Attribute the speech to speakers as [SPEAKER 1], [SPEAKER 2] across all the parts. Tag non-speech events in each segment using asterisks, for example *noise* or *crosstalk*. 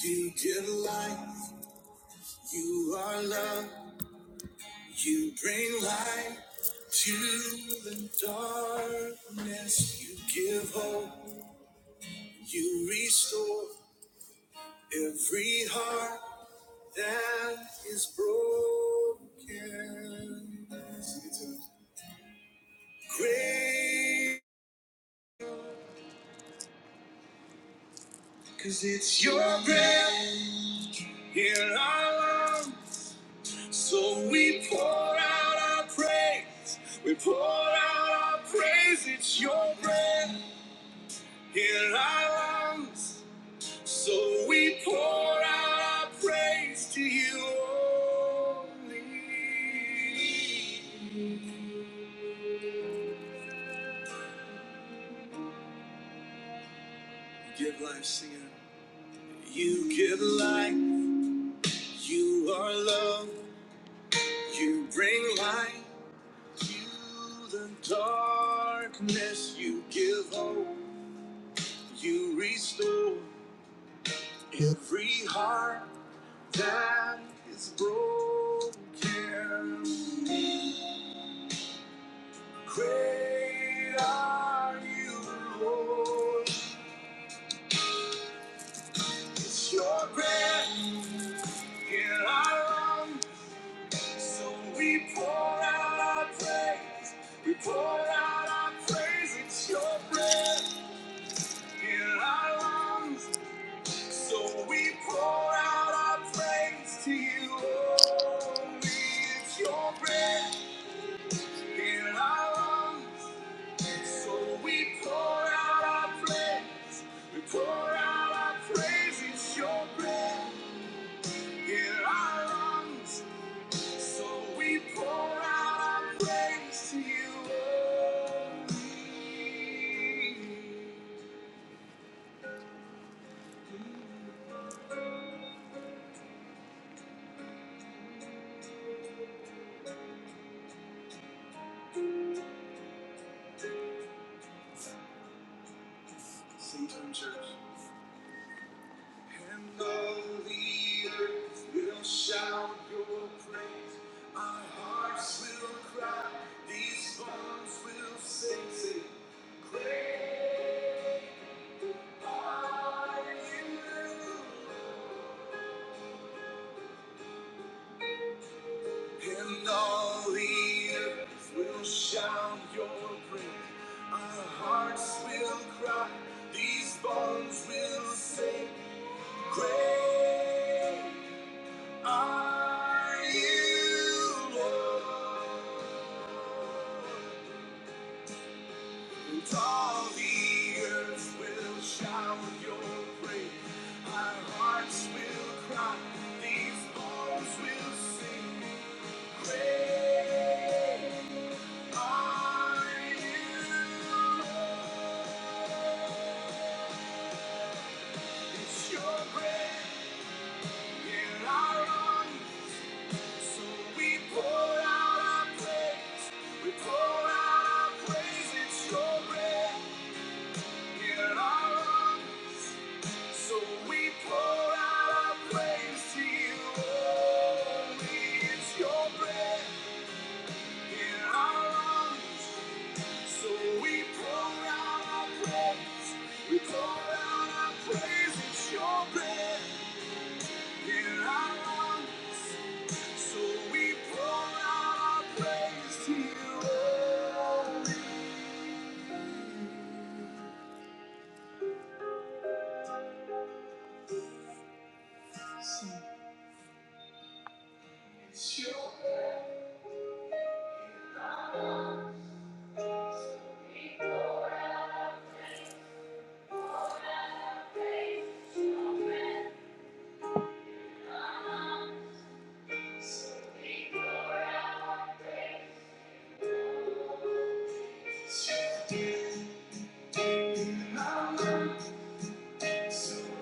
[SPEAKER 1] You give life, you are love, you bring light to the darkness. You give hope, you restore every heart that is broken. Great, 'cause it's your breath in our lungs. So we pour out our praise. We pour out our praise. It's your breath in our lungs. So we pour out our praise to you only. You Give life, singer. You give life. You are love. You bring light. to the darkness. You give hope. You restore. Every heart that is broken, great are you, Lord. It's your breath in our lungs, so we pour out our praise. We pour out our praise. It's your breath in our lungs, so we pour out our praise to you. Only it's your breath. in our lungs. So we pour out our praise. We pour out our praise. It's your breath in our lungs. So we pour out our praise to you. only. Sing to him, church. And all the earth will shout your praise. Our hearts will cry. These bones will sing. sing. Great are you. And all the earth will shout your praise. Our hearts will cry. These bones will sing. Great. Are you Lord? And all the earth will shout your praise. Our hearts will cry, these arms will sing. Great are you, Lord. It's your breath in our lungs. So we pour out our praise, we pour out our praise, it's your breath in our lungs. So we pour out our praise to you only, it's your breath in our lungs. So we pour out our praise, we pour out our praise, it's your breath in our lungs. So we pour out our praise to you. oh.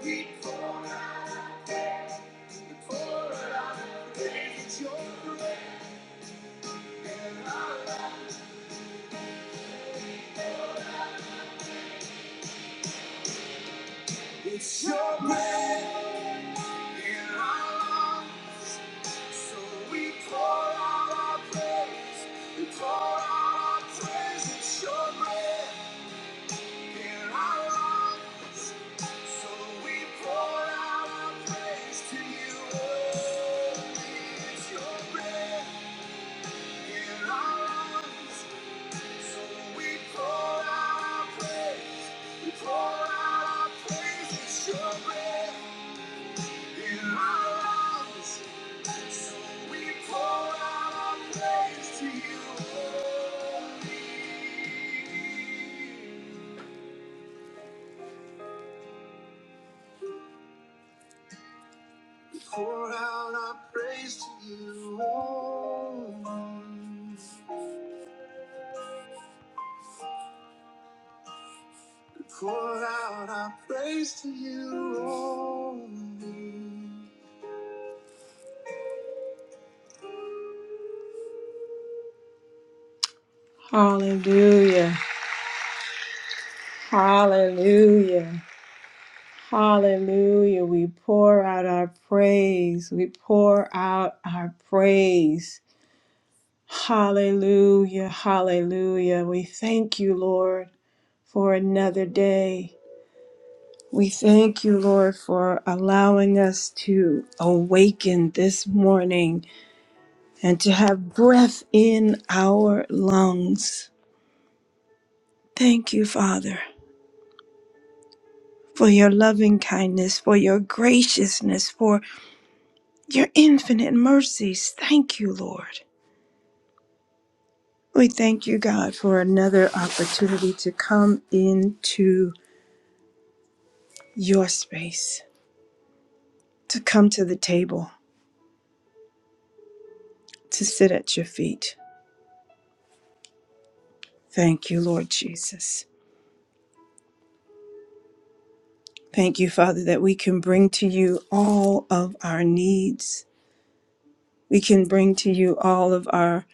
[SPEAKER 1] We pour we pour out our praise. It's your breath in our lungs. It's your breath in our lungs. So we pour out our praise. We pour out our praise. It's your breath in our lungs. So we pour out our praise to you. oh. It's your breath. Pour out our praise to you, only. Pour out our praise to you, only. Hallelujah. Hallelujah. Hallelujah. We pour out our praise. We pour out our praise. Hallelujah. Hallelujah. We thank you, Lord, for another day. We thank you, Lord, for allowing us to awaken this morning and to have breath in our lungs. Thank you, Father, for your loving kindness, for your graciousness, for Your infinite mercies. Thank you, Lord. We thank you, God, for another opportunity to come into your space, to come to the table, to sit at your feet. Thank you, Lord Jesus. Thank you, Father, that we can bring to you all of our needs. We can bring to you all of our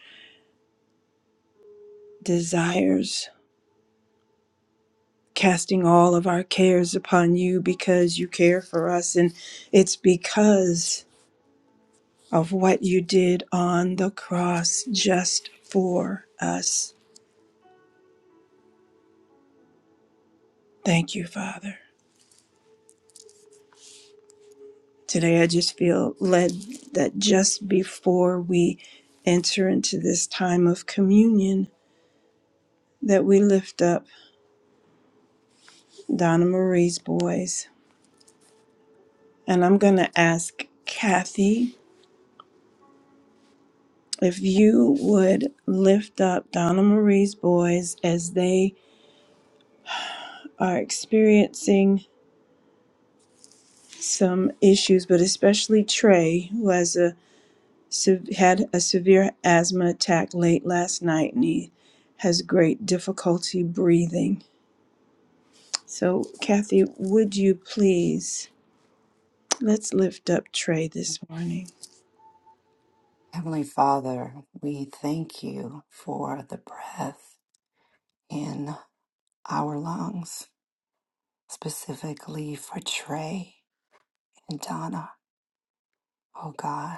[SPEAKER 1] desires, casting all of our cares upon you because you care for us. And it's because of what you did on the cross just for us. Thank you, Father. Today I just feel led that just before we enter into this time of communion that we lift up Donna Marie's boys. And I'm going to ask Kathy if you would lift up Donna Marie's boys as they are experiencing some issues, but especially Trey, who has a had a severe asthma attack late last night and he has great difficulty breathing. So, Kathy, would you please let's lift up Trey this morning?
[SPEAKER 2] Heavenly Father, we thank you for the breath in our lungs, specifically for Trey and Donna. Oh God,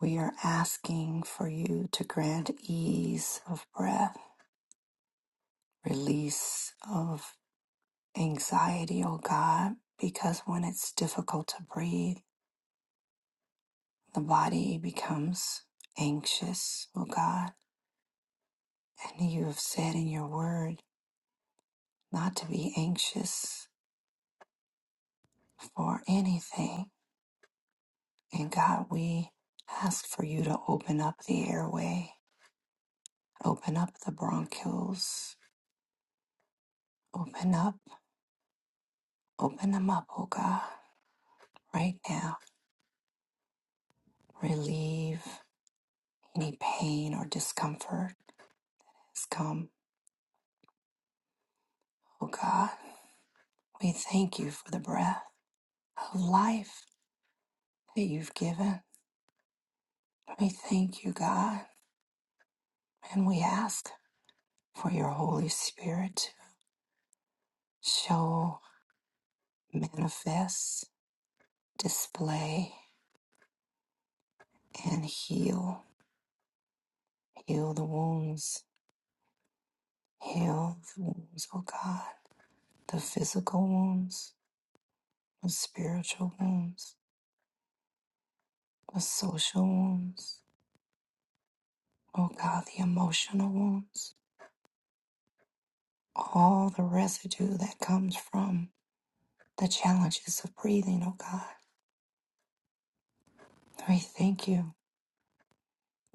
[SPEAKER 2] we are asking for you to grant ease of breath, release of anxiety, oh God, because when it's difficult to breathe, the body becomes anxious, oh God. And you have said in your word not to be anxious for anything. And God, we ask for you to open up the airway, open up the bronchioles, open up, open them up, oh God, right now. Relieve any pain or discomfort that's come, oh God. We thank you for the breath of life that you've given. We thank you, God, and we ask for your Holy Spirit to show, manifest, display and heal. Heal the wounds. Heal the wounds, oh God. The physical wounds, the spiritual wounds, the social wounds, oh God, the emotional wounds. All the residue that comes from the challenges of breathing, oh God. We thank you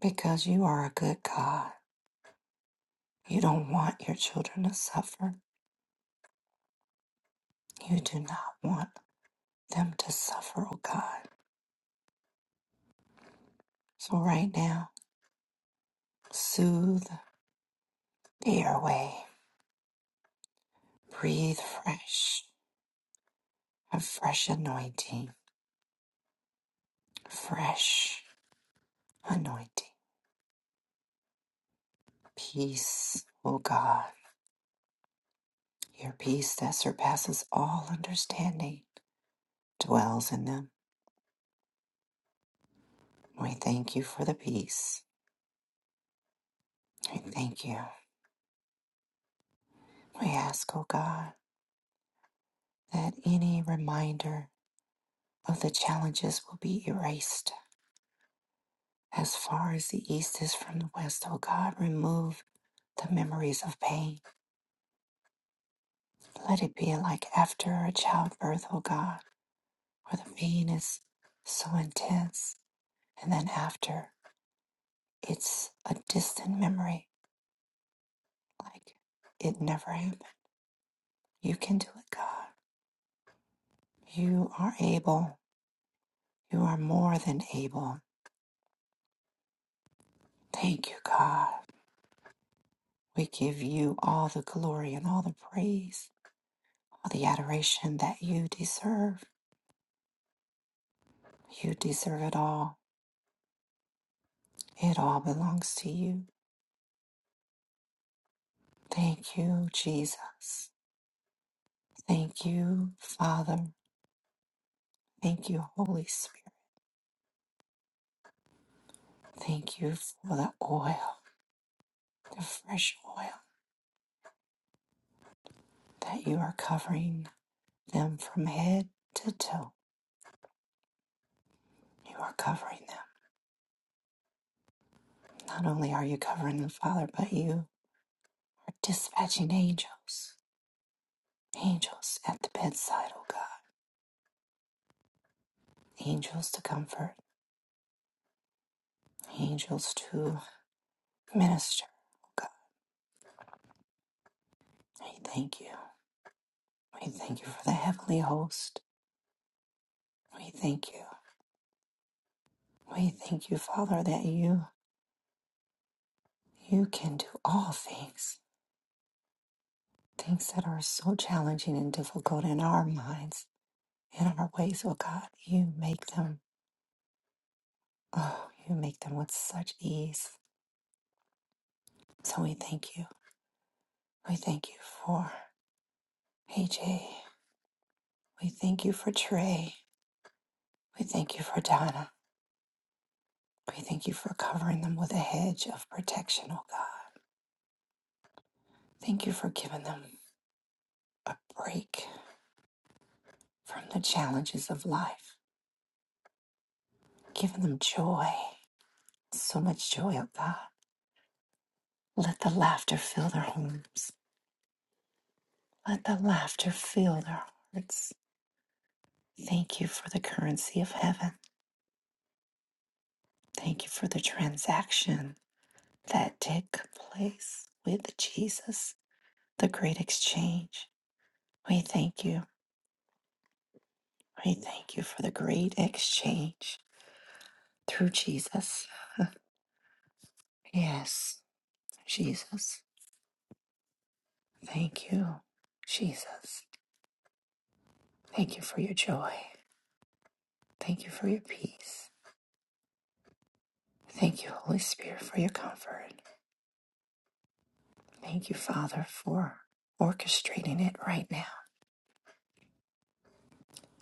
[SPEAKER 2] because you are a good God. You don't want your children to suffer. You do not want them to suffer, oh God. So right now, soothe Dear way, breathe fresh, a fresh anointing, fresh anointing. Peace, O God, your peace that surpasses all understanding dwells in them. We thank you for the peace. We thank you. We ask, O God, that any reminder of the challenges will be erased. As far as the east is from the west, O God, remove the memories of pain. Let it be like after a childbirth, O God where the pain is so intense, and then after it's a distant memory, like it never happened. You can do it, God. You are able. You are more than able. Thank you, God. We give you all the glory and all the praise, all the adoration that you deserve. You deserve it all. It all belongs to you. Thank you, Jesus. Thank you, Father. Thank you, Holy Spirit. Thank you for the oil, the fresh oil, that you are covering them from head to toe. You are covering them. Not only are you covering them, Father, but you are dispatching angels, angels at the bedside, oh God, angels to comfort, angels to minister, oh God. We thank you. We thank you for the heavenly host. We thank you. We thank you, Father, that you you can do all things things that are so challenging and difficult in our minds, in our ways, oh God, you make them, oh, you make them with such ease. So we thank you. We thank you for AJ. We thank you for Trey. We thank you for Donna. We thank you for covering them with a hedge of protection, oh God. Thank you for giving them a break from the challenges of life, giving them joy, so much joy, oh God. Let the laughter fill their homes. Let the laughter fill their hearts. Thank you for the currency of heaven. Thank you for the transaction that did place with Jesus, the great exchange. We thank you. We thank you for the great exchange through Jesus. Yes, Jesus. Thank you, Jesus. Thank you for your joy. Thank you for your peace. Thank you, Holy Spirit, for your comfort. Thank you, Father, for orchestrating it right now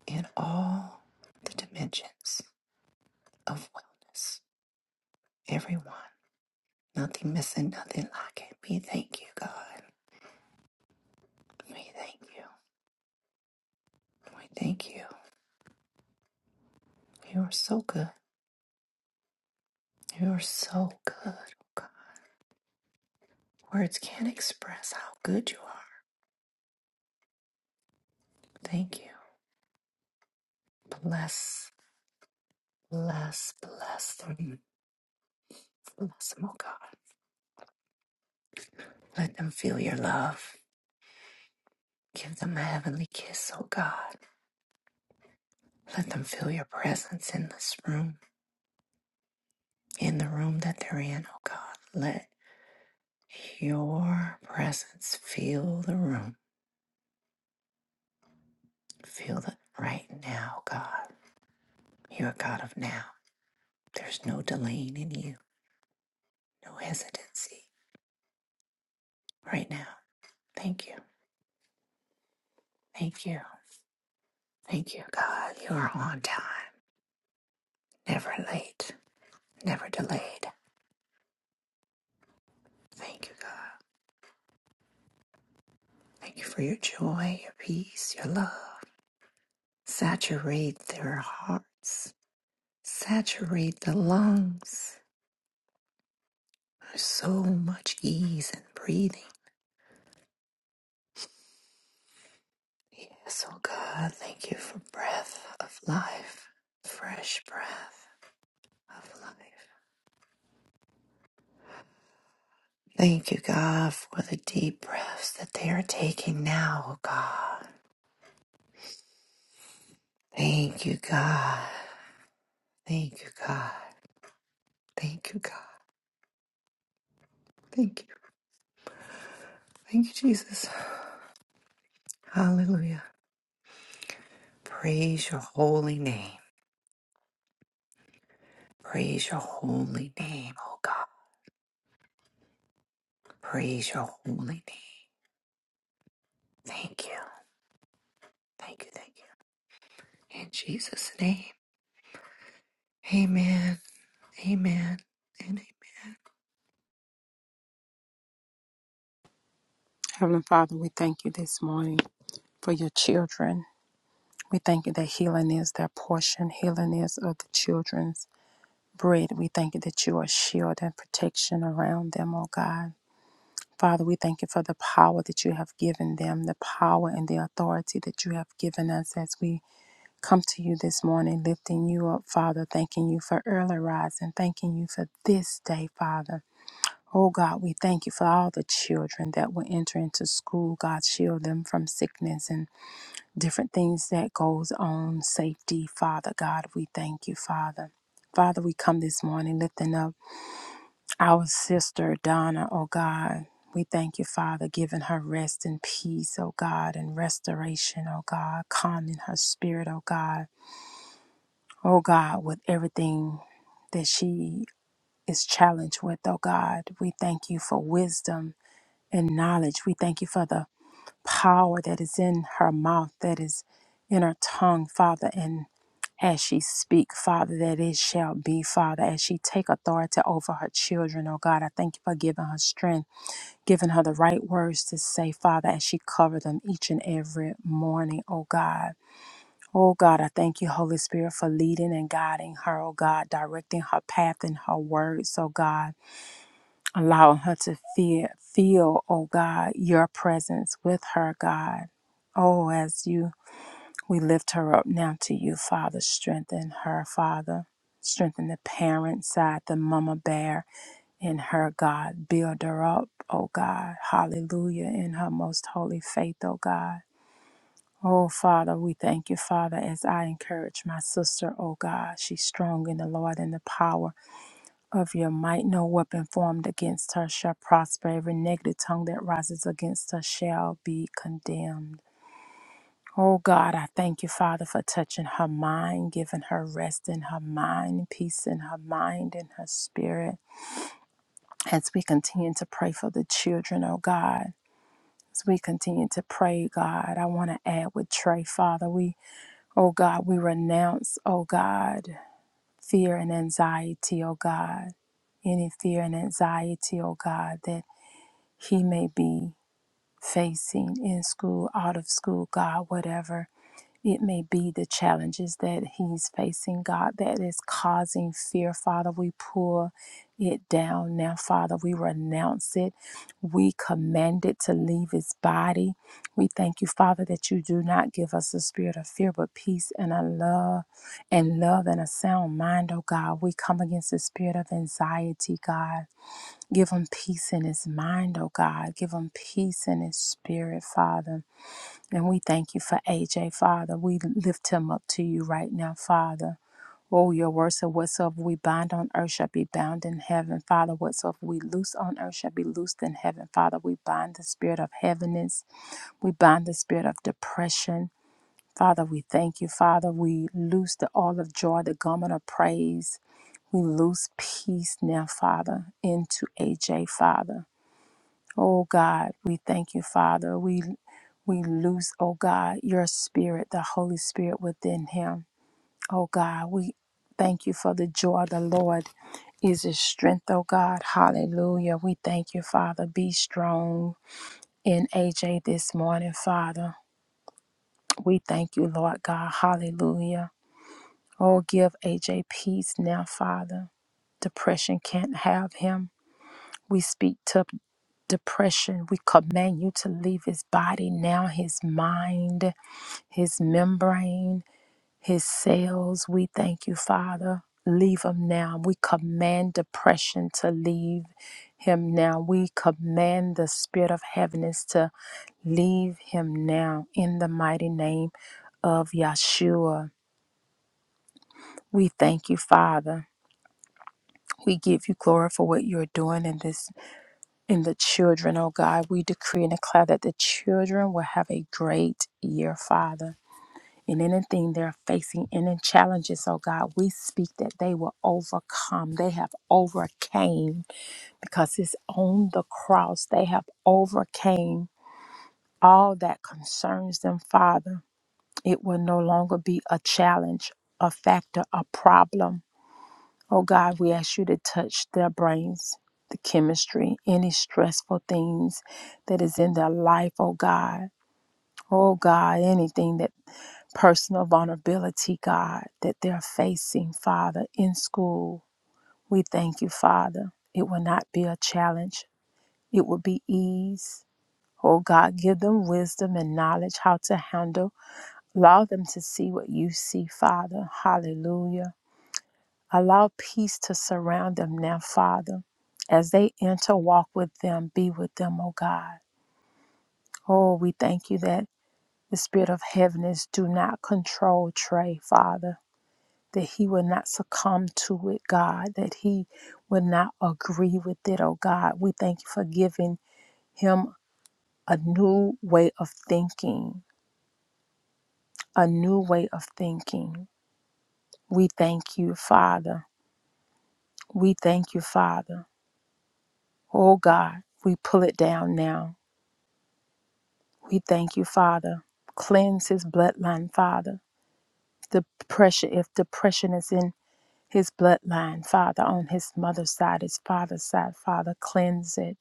[SPEAKER 2] in all the dimensions of wellness. Everyone, nothing missing, nothing lacking. We thank you, God. We thank you. We thank you. You are so good. You are so good. oh God. Words can't express how good you are. Thank you. Bless, bless, bless them. Bless them, oh God. Let them feel your love. Give them a heavenly kiss, oh God. Let them feel your presence in this room, in the room that they're in, oh God. Let. Your presence fill the room. Feel it right now, God. You're a God of now. There's no delaying in you, no hesitancy right now. Thank you. Thank you. Thank you, God. You are on time, never late, never delayed. Thank you, God. Thank you for your joy, your peace, your love. Saturate their hearts, saturate the lungs. There's so much ease in breathing Yes, oh God, thank you for breath of life, fresh breath of life. Thank you, God, for the deep breaths that they are taking now, oh God. Thank you, God. Thank you, God. Thank you, God. Thank you. Thank you, Jesus. Hallelujah. Praise your holy name. Praise your holy name, oh God. Praise your holy name. Thank you. Thank you. Thank you. In Jesus' name. Amen. Amen. And amen.
[SPEAKER 3] Heavenly Father, we thank you this morning for your children. We thank you that healing is their portion, healing is of the children's bread. We thank you that you are shield and protection around them, oh God. Father, we thank you for the power that you have given them, the power and the authority that you have given us as we come to you this morning, lifting you up, Father, thanking you for early rising, thanking you for this day, Father. Oh God, we thank you for all the children that will enter into school. God, shield them from sickness and different things that goes on. Safety, Father God, we thank you, Father. Father, we come this morning lifting up our sister Donna, oh God. We thank you, Father, giving her rest and peace, oh God, and restoration, oh God, calming her spirit, oh God. Oh God, with everything that she is challenged with, oh God, we thank you for wisdom and knowledge. We thank you for the power that is in her mouth, that is in her tongue, Father, and as she speak, Father, that it shall be, Father, as she take authority over her children, oh God, I thank you for giving her strength, giving her the right words to say, Father, as she cover them each and every morning, oh God. Oh God, I thank you, Holy Spirit, for leading and guiding her, oh God, directing her path and her words, oh God allowing her to feel, feel, oh God, your presence with her, God. Oh, as you, we lift her up now to you, Father. Strengthen her, Father. Strengthen the parent side, the mama bear in her, God. Build her up, oh God. Hallelujah, in her most holy faith, oh God. Oh, Father, we thank you, Father, as I encourage my sister, oh God. She's strong in the Lord and the power of your might. No weapon formed against her shall prosper. Every negative tongue that rises against her shall be condemned. Oh God, I thank you, Father, for touching her mind, giving her rest in her mind, peace in her mind and her spirit. As we continue to pray for the children, oh God, as we continue to pray, God, I want to add with Trey, Father, we, oh God, we renounce, oh God, fear and anxiety, oh God any fear and anxiety, oh God, that he may be facing in school, out of school, God, whatever it may be, the challenges that he's facing, God, that is causing fear, Father, we pull it down now, Father. We renounce it. We command it to leave his body. We thank you, Father, that you do not give us a spirit of fear, but peace and a love and love and a sound mind, oh God. We come against the spirit of anxiety, God. Give him peace in his mind, oh God. Give him peace in his spirit, Father. And we thank you for AJ, Father. We lift him up to you right now, Father. Oh, your words of whatsoever we bind on earth shall be bound in heaven, Father. Whatsoever we loose on earth shall be loosed in heaven, Father. We bind the spirit of heaviness. We bind the spirit of depression. Father, we thank you, Father. We loose the all of joy, the garment of praise. We loose peace now, Father, into AJ, Father. Oh God, we thank you, Father. We we loose, oh God, your spirit, the Holy Spirit within him. Oh God, we thank you for the joy of the Lord is his strength, oh God. Hallelujah. We thank you, Father. Be strong in AJ this morning, Father. We thank you, Lord God. Hallelujah. Oh, give AJ peace now, Father. Depression can't have him. We speak to depression. We command you to leave his body now, his mind, his membrane, his cells. We thank you, Father. Leave him now. We command depression to leave him now. We command the spirit of heaviness to leave him now in the mighty name of Yeshua. We thank you, Father. We give you glory for what you're doing in this And the children, oh God, we decree and declare that the children will have a great year, Father. And anything they're facing, any challenges, oh God, we speak that they will overcome. They have overcame because it's on the cross. They have overcame all that concerns them, Father. It will no longer be a challenge, a factor, a problem Oh God, we ask you to touch their brains, the chemistry, any stressful things that is in their life, oh God. Oh God, anything that personal vulnerability, God, that they're facing, Father, in school. We thank you, Father. It will not be a challenge, it will be ease. Oh God, give them wisdom and knowledge how to handle. Allow them to see what you see, Father. Hallelujah. Allow peace to surround them now, Father. As they enter, walk with them, be with them, O God. Oh, we thank you that the spirit of heaviness do not control Trey, Father, that he will not succumb to it, God, that he will not agree with it, oh God. We thank you for giving him a new way of thinking, a new way of thinking. We thank you, Father. We thank you, Father. Oh God, we pull it down now We thank you, Father. Cleanse his bloodline, Father. The pressure, if depression is in his bloodline, Father, on his mother's side, his father's side, Father, cleanse it.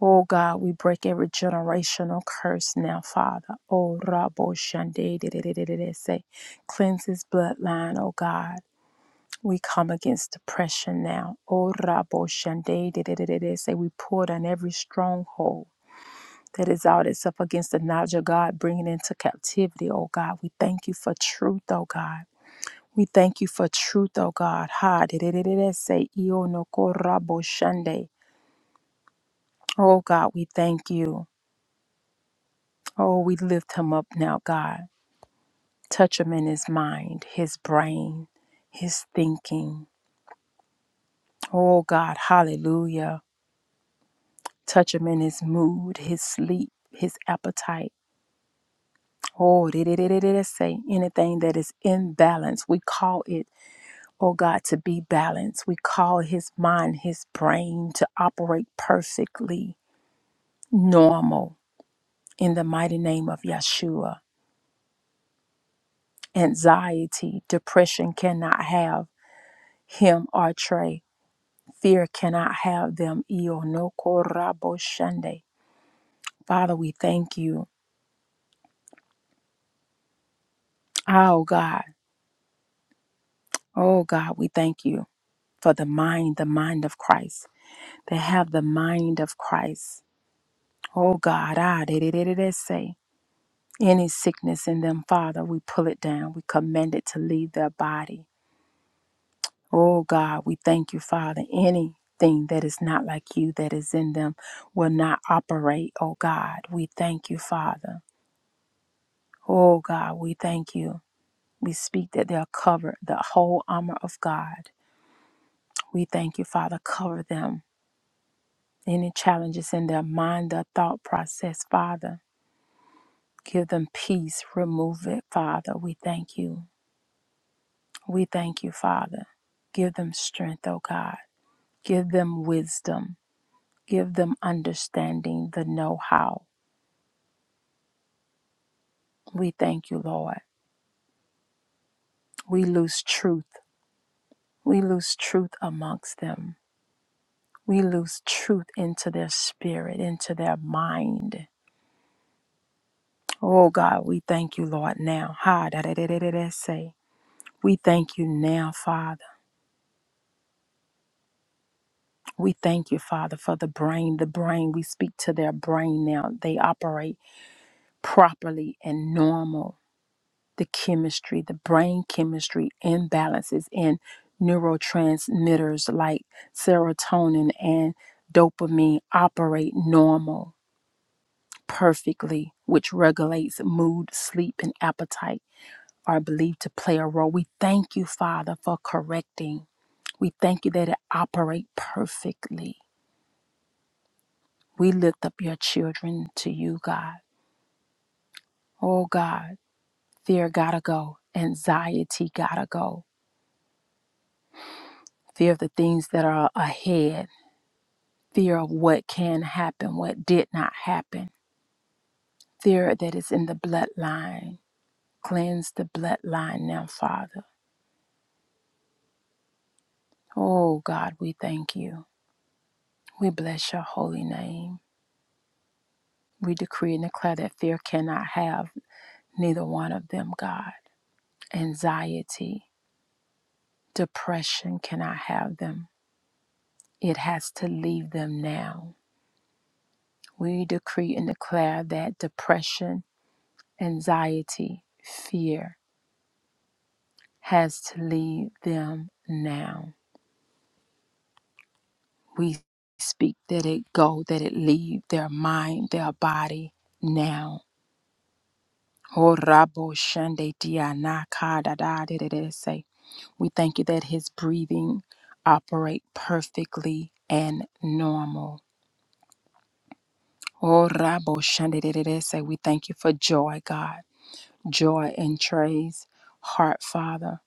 [SPEAKER 3] Oh God, we break every generational curse now, Father. Oh Rabo Shande de- de- de- de- de- de- say, cleanse his bloodline, oh God. We come against depression now. Oh Rabo Shande de- de- de- de- de- say, we pour down every stronghold. that is all that's up against the knowledge of God, bringing into captivity, oh God. We thank you for truth, oh God. We thank you for truth, oh God. Ha, de- de- de- de- de- say, io no corra shande. Oh God, we thank you. Oh, we lift him up now, God. Touch him in his mind, his brain, his thinking. Oh God, hallelujah. Touch him in his mood, his sleep, his appetite. Oh, de- de- de- de- de- de- say anything that is imbalanced, we call it oh God, to be balanced. We call his mind, his brain to operate perfectly normal in the mighty name of Yeshua. Anxiety, depression cannot have him or Trey. Fear cannot have them. Io no corrabo shande. Father, we thank you. Oh God, oh God, we thank you for the mind, the mind of Christ. They have the mind of Christ. Oh God, ah, they say. Any sickness in them, Father, we pull it down. We command it to leave their body. Oh God, we thank you, Father. Anything that is not like you that is in them will not operate. Oh God, we thank you, Father. Oh God, we thank you. We speak that they are covered, the whole armor of God. We thank you, Father. Cover them. Any challenges in their mind, their thought process, Father. Give them peace. Remove it, Father. We thank you. We thank you, Father. Give them strength, O God. Give them wisdom. Give them understanding, the know how. We thank you, Lord. We lose truth. We lose truth amongst them. We lose truth into their spirit, into their mind. Oh God, we thank you, Lord, now. Ha da da da da da da say. We thank you now, Father. We thank you, Father, for the brain. The brain, we speak to their brain now. They operate properly and normal the chemistry, the brain chemistry imbalances in neurotransmitters like serotonin and dopamine operate normal perfectly, which regulates mood, sleep, and appetite are believed to play a role. We thank you, Father, for correcting. We thank you that it operates perfectly. We lift up your children to you, God. Oh God, fear gotta go. Anxiety gotta go. Fear of the things that are ahead fear of what can happen, what did not happen, fear that is in the bloodline. Cleanse the bloodline now, Father. Oh God, we thank you. We bless your holy name. We decree and declare that fear cannot have neither one of them, God. Anxiety, depression cannot have them. It has to leave them now. We decree and declare that depression, anxiety, fear has to leave them now. We speak that it go, that it leave their mind, their body now. Oh, Rabo Shande Dia Na Ka Da Da Da Da Da Say. We thank you that his breathing operate perfectly and normal. Oh, Rabo Shande Da Da Da Say. We thank you for joy, God. Joy in Trey's heart, Father.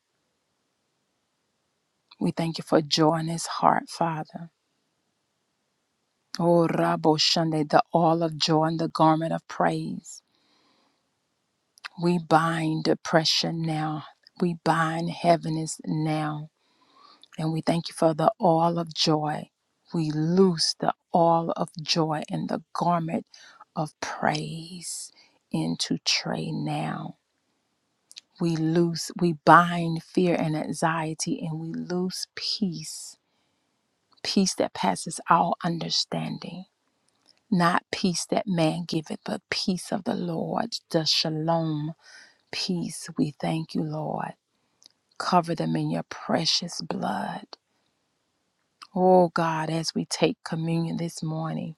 [SPEAKER 3] We thank you for joy in his heart, Father. Oh, Rabo Shande, the all of joy and the garment of praise. We bind depression now. We bind heaviness now. And we thank you for the all of joy. We loose the all of joy and the garment of praise into Trey now. We loose, we bind fear and anxiety, and we loose peace, peace that passes all understanding. Not peace that man giveth, but peace of the Lord, the shalom peace. We thank you, Lord. Cover them in your precious blood. Oh God, as we take communion this morning,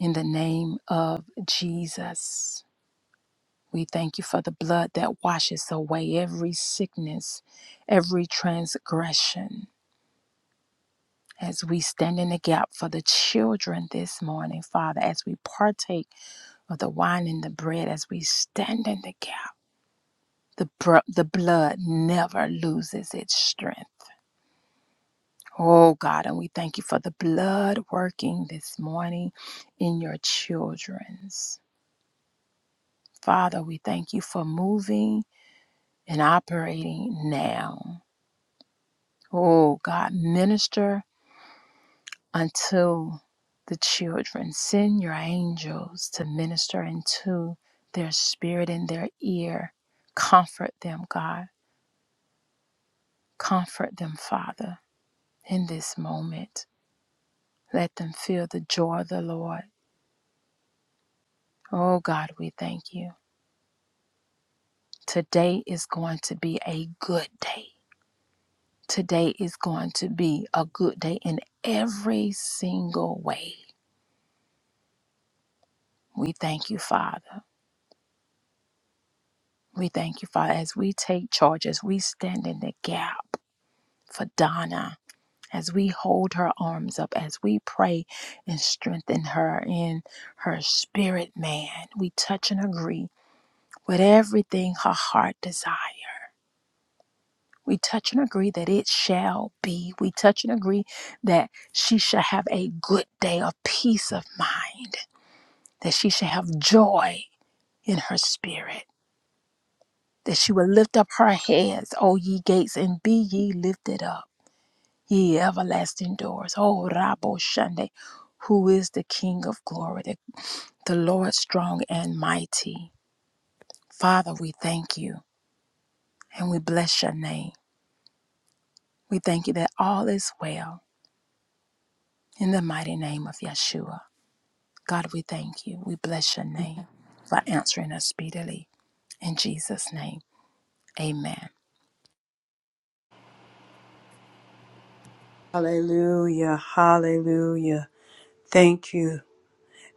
[SPEAKER 3] in the name of Jesus, we thank you for the blood that washes away every sickness, every transgression. As we stand in the gap for the children this morning, Father, as we partake of the wine and the bread, as we stand in the gap, the, br- the blood never loses its strength. Oh God, and we thank you for the blood working this morning in your children's. Father, we thank you for moving and operating now. Oh God, minister unto the children. Send your angels to minister into their spirit and their ear. Comfort them, God. Comfort them, Father, in this moment. Let them feel the joy of the Lord. Oh God, we thank you. Today is going to be a good day. Today is going to be a good day in every single way. We thank you, Father. We thank you, Father, as we take charge, as we stand in the gap for Donna, as we hold her arms up, as we pray and strengthen her in her spirit, man. We touch and agree with everything her heart desires. We touch and agree that it shall be. We touch and agree that she shall have a good day of peace of mind, that she shall have joy in her spirit, that she will lift up her heads, O ye gates, and be ye lifted up, ye everlasting doors. O Rabo Shande, who is the King of glory, the, the Lord strong and mighty. Father, we thank you and we bless your name. We thank you that all is well in the mighty name of Yeshua. God, we thank you. We bless your name for answering us speedily. In Jesus' name, amen.
[SPEAKER 1] Hallelujah, hallelujah. Thank you,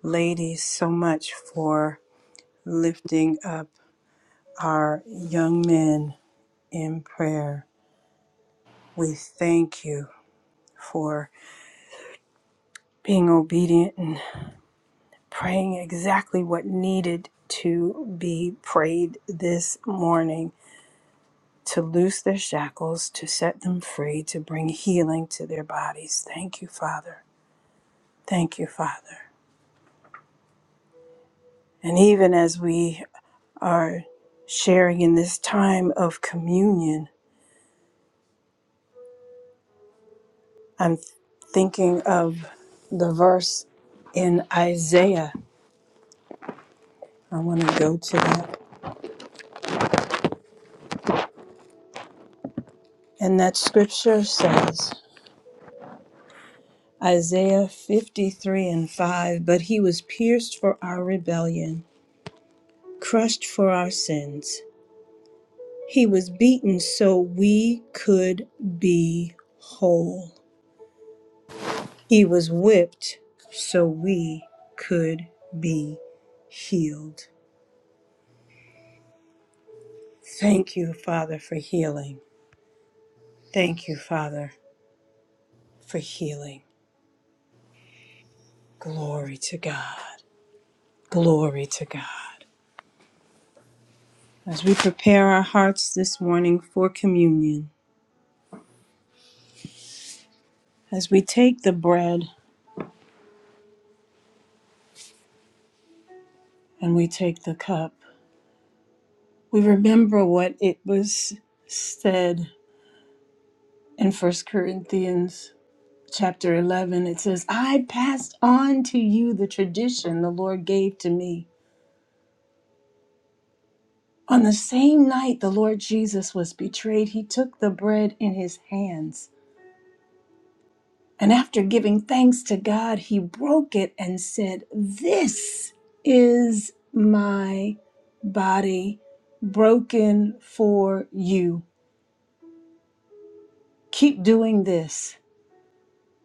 [SPEAKER 1] ladies, so much for lifting up our young men in prayer. We thank you for being obedient and. praying exactly what needed to be prayed this morning to loose their shackles, to set them free, to bring healing to their bodies. Thank you, Father. Thank you, Father. And even as we are sharing in this time of communion, I'm thinking of the verse in Isaiah. I want to go to that. And that scripture says, Isaiah 53 and 5 But he was pierced for our rebellion, crushed for our sins. He was beaten so we could be whole. He was whipped so we could be healed. Thank you, Father, for healing. Thank you, Father, for healing. Glory to God. Glory to God. As we prepare our hearts this morning for communion, As we take the bread and we take the cup, we remember what it was said in First Corinthians chapter 11. It says, I passed on to you the tradition the Lord gave to me. On the same night the Lord Jesus was betrayed, he took the bread in his hands. And after giving thanks to God, he broke it and said, This is my body broken for you. Keep doing this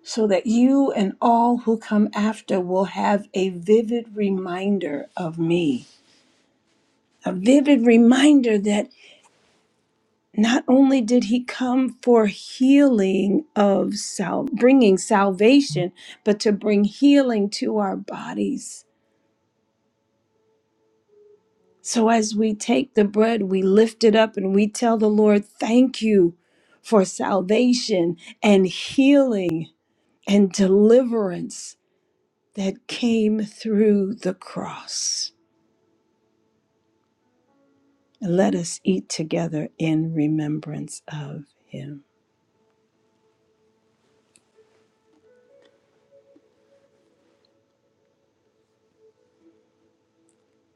[SPEAKER 1] so that you and all who come after will have a vivid reminder of me. A vivid reminder that not only did he come for healing of sal- bringing salvation, but to bring healing to our bodies. So as we take the bread, we lift it up and we tell the Lord, Thank you for salvation and healing and deliverance that came through the cross. And let us eat together in remembrance of him.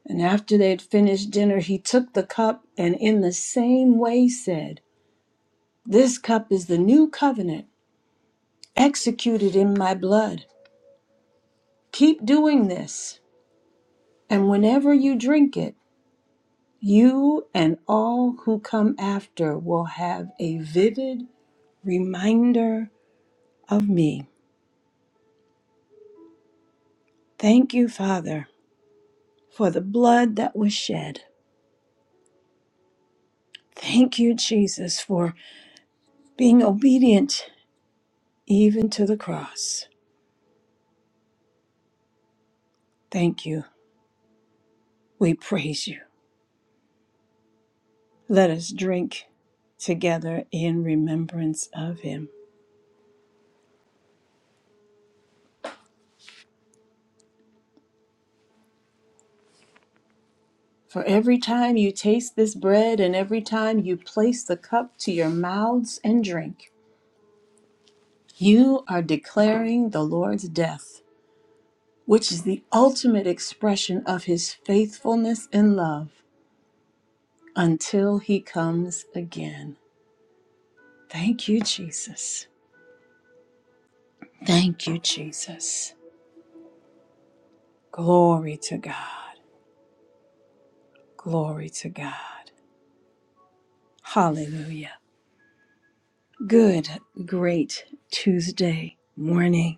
[SPEAKER 1] And after they had finished dinner, he took the cup and in the same way said, This cup is the new covenant executed in my blood. Keep doing this, and whenever you drink it, you and all who come after will have a vivid reminder of me. Thank you, Father for the blood that was shed. Thank you, Jesus, for being obedient even to the cross. Thank you. We praise you. Let us drink together in remembrance of him. For every time you taste this bread and every time you place the cup to your mouths and drink, you are declaring the Lord's death, which is the ultimate expression of his faithfulness and love until he comes again. Thank you, Jesus. Thank you, Jesus. Glory to God. Glory to God. Hallelujah. Good, great Tuesday morning.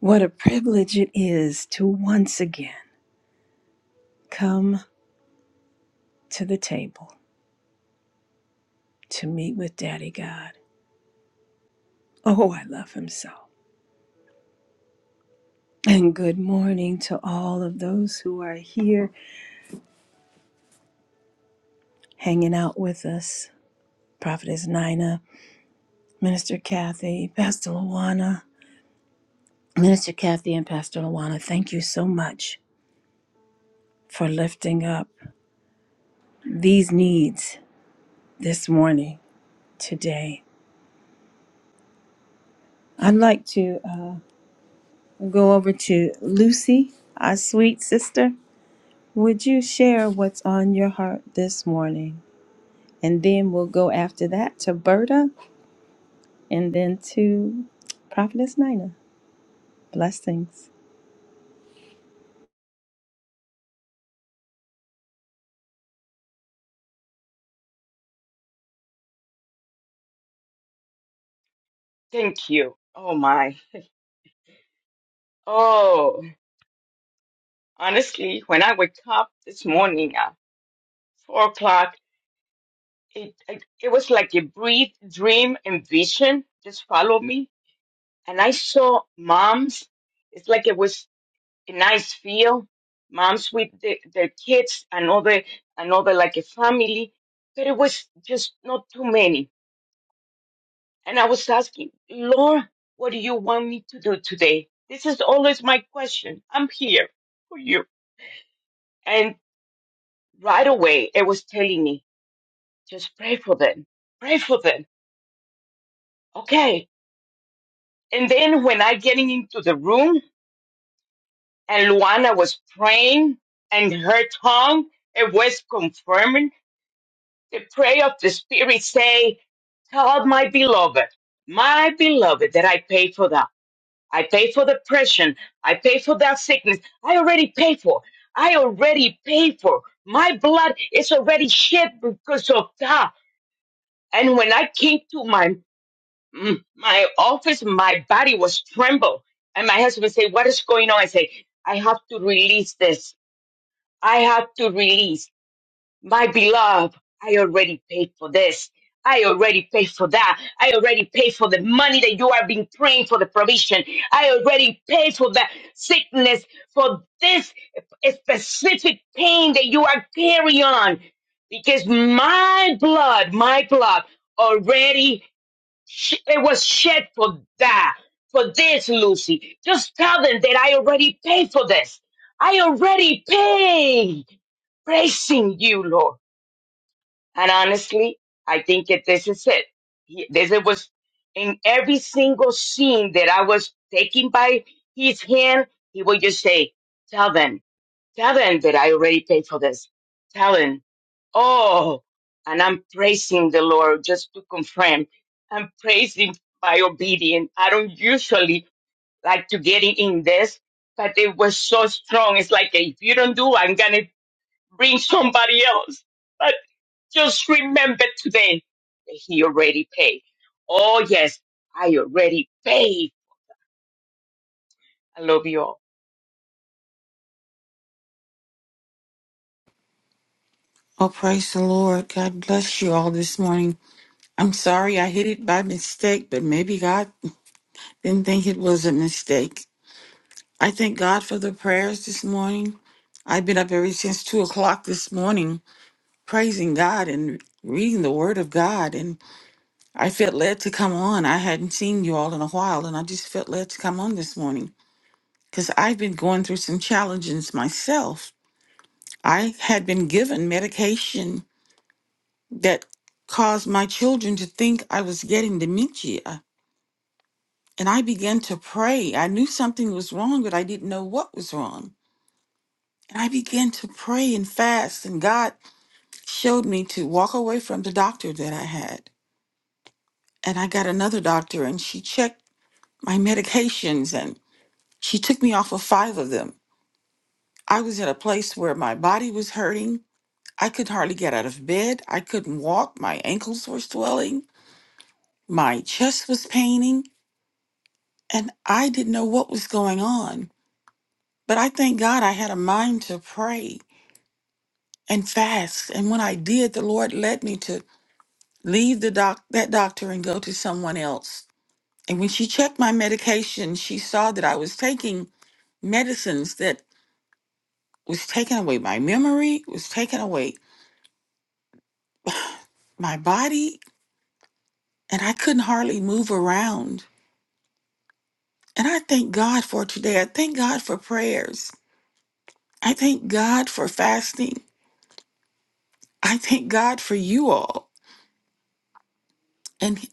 [SPEAKER 1] What a privilege it is to once again come to the table to meet with Daddy God. Oh, I love him so. And good morning to all of those who are here hanging out with us. Prophetess Nina, Minister Kathy, Pastor Luana, Minister Kathy and Pastor Lawana, thank you so much for lifting up these needs this morning, today. I'd like to uh, go over to Lucy, our sweet sister. Would you share what's on your heart this morning? And then we'll go after that to Berta and then to Prophetess Nina. Blessings.
[SPEAKER 4] Thank you. Oh my. Oh, honestly, when I wake up this morning at four o'clock, it, it it was like a brief dream and vision just followed me, and I saw moms. It's like it was a nice feel, moms with the, their kids, another another like a family, but it was just not too many. And I was asking, Lord, what do you want me to do today? This is always my question. I'm here for you. And right away, it was telling me, just pray for them, pray for them. Okay. And then when I getting into the room and Luana was praying and her tongue, it was confirming the prayer of the spirit say, tell my beloved, my beloved that I pay for that. I pay for depression. I pay for that sickness. I already pay for. I already pay for. My blood is already shed because of that. And when I came to my mm, my office, my body was tremble. And my husband said, "What is going on?" I say, "I have to release this. I have to release my beloved. I already paid for this. I already paid for that. I already paid for the money that you have been praying for the provision. I already paid for that sickness, for this specific pain that you are carrying on, because my blood, my blood." already Sh- It was shed for that, for this, Lucy. Just tell them that I already paid for this. I already paid. Praising you, Lord. And honestly, I think that this is it. He- This it was in every single scene that I was taken by his hand, he would just say, tell them Tell them that I already paid for this. Tell them, oh, and I'm praising the Lord just to confirm. I'm praising by obedience. I don't usually like to get in in this, but it was so strong. It's like, if you don't do, I'm going to bring somebody else. But just remember today that he already paid. Oh, yes, I already paid. I love you all.
[SPEAKER 5] Oh, praise the Lord. God bless you all this morning. I'm sorry I hit it by mistake, but maybe God didn't think it was a mistake. I thank God for the prayers this morning. I've been up ever since two o'clock this morning, praising God and reading the Word of God. And I felt led to come on. I hadn't seen you all in a while, and I just felt led to come on this morning because I've been going through some challenges myself. I had been given medication that caused my children to think I was getting dementia. And I began to pray. I knew something was wrong, but I didn't know what was wrong. And I began to pray and fast, and God showed me to walk away from the doctor that I had. And I got another doctor, and she checked my medications and she took me off of five of them. I was at a place where my body was hurting. I could hardly get out of bed. I couldn't walk. My ankles were swelling. My chest was paining. And I didn't know what was going on. But I thank God I had a mind to pray and fast. And when I did, the Lord led me to leave the doc that doctor and go to someone else. And when she checked my medication, she saw that I was taking medicines that was taking away my memory, was taking away my body, and I couldn't hardly move around. And I thank God for today. I thank God for prayers. I thank God for fasting. I thank God for you all. And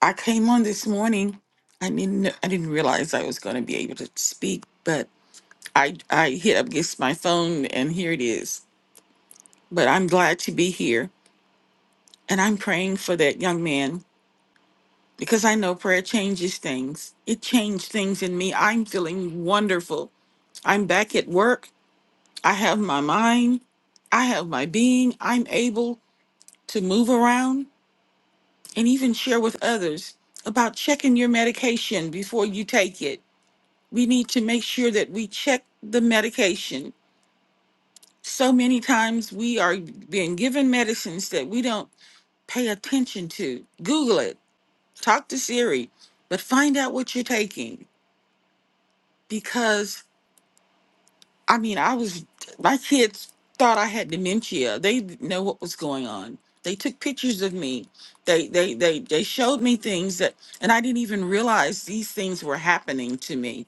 [SPEAKER 5] I came on this morning. I didn't I didn't realize I was going to be able to speak, but I I hit up against my phone and here it is. But I'm glad to be here and I'm praying for that young man because I know prayer changes things. It changed things in me. I'm feeling wonderful. I'm back at work. I have my mind. I have my being. I'm able to move around and even share with others about checking your medication before you take it we need to make sure that we check the medication. So many times we are being given medicines that we don't pay attention to. Google it, talk to Siri, but find out what you're taking. Because, I mean, I was, my kids thought I had dementia. They didn't know what was going on. They took pictures of me. They, they, they, they showed me things that, and I didn't even realize these things were happening to me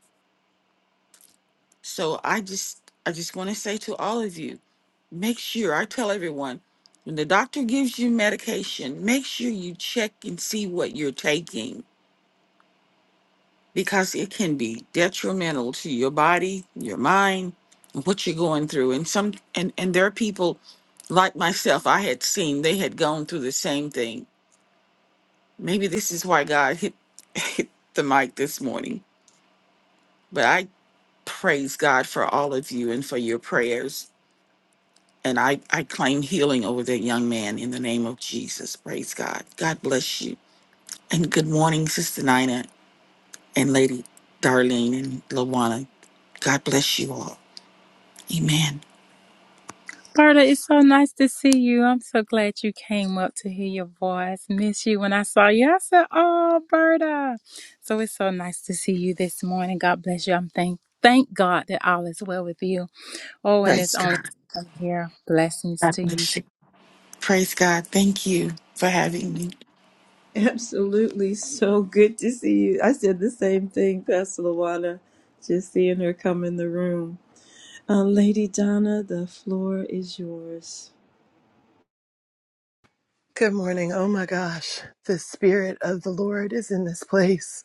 [SPEAKER 5] So I just I just want to say to all of you, make sure I tell everyone when the doctor gives you medication, make sure you check and see what you're taking because it can be detrimental to your body, your mind, and what you're going through. And some and and there are people like myself I had seen they had gone through the same thing. Maybe this is why God hit *laughs* hit the mic this morning. But I praise God for all of you and for your prayers And I, I claim healing over that young man in the name of Jesus. Praise God. God bless you. And good morning, Sister Nina and Lady Darlene and Lawana. God bless you all. Amen.
[SPEAKER 3] Berta, it's so nice to see you. I'm so glad you came up to hear your voice. Miss you when I saw you. I said, Oh, Berta. So it's so nice to see you this morning. God bless you. I'm thank thank God that all is well with you. Oh, and it's
[SPEAKER 5] Praise
[SPEAKER 3] only
[SPEAKER 5] God.
[SPEAKER 3] from here. Blessings
[SPEAKER 5] God
[SPEAKER 3] to you.
[SPEAKER 5] bless you. Praise God. Thank you for having me.
[SPEAKER 1] Absolutely. So good to see you. I said the same thing, Pastor Lawana, just seeing her come in the room. Uh, Lady Donna, the floor is yours.
[SPEAKER 6] Good morning. Oh my gosh. The Spirit of the Lord is in this place.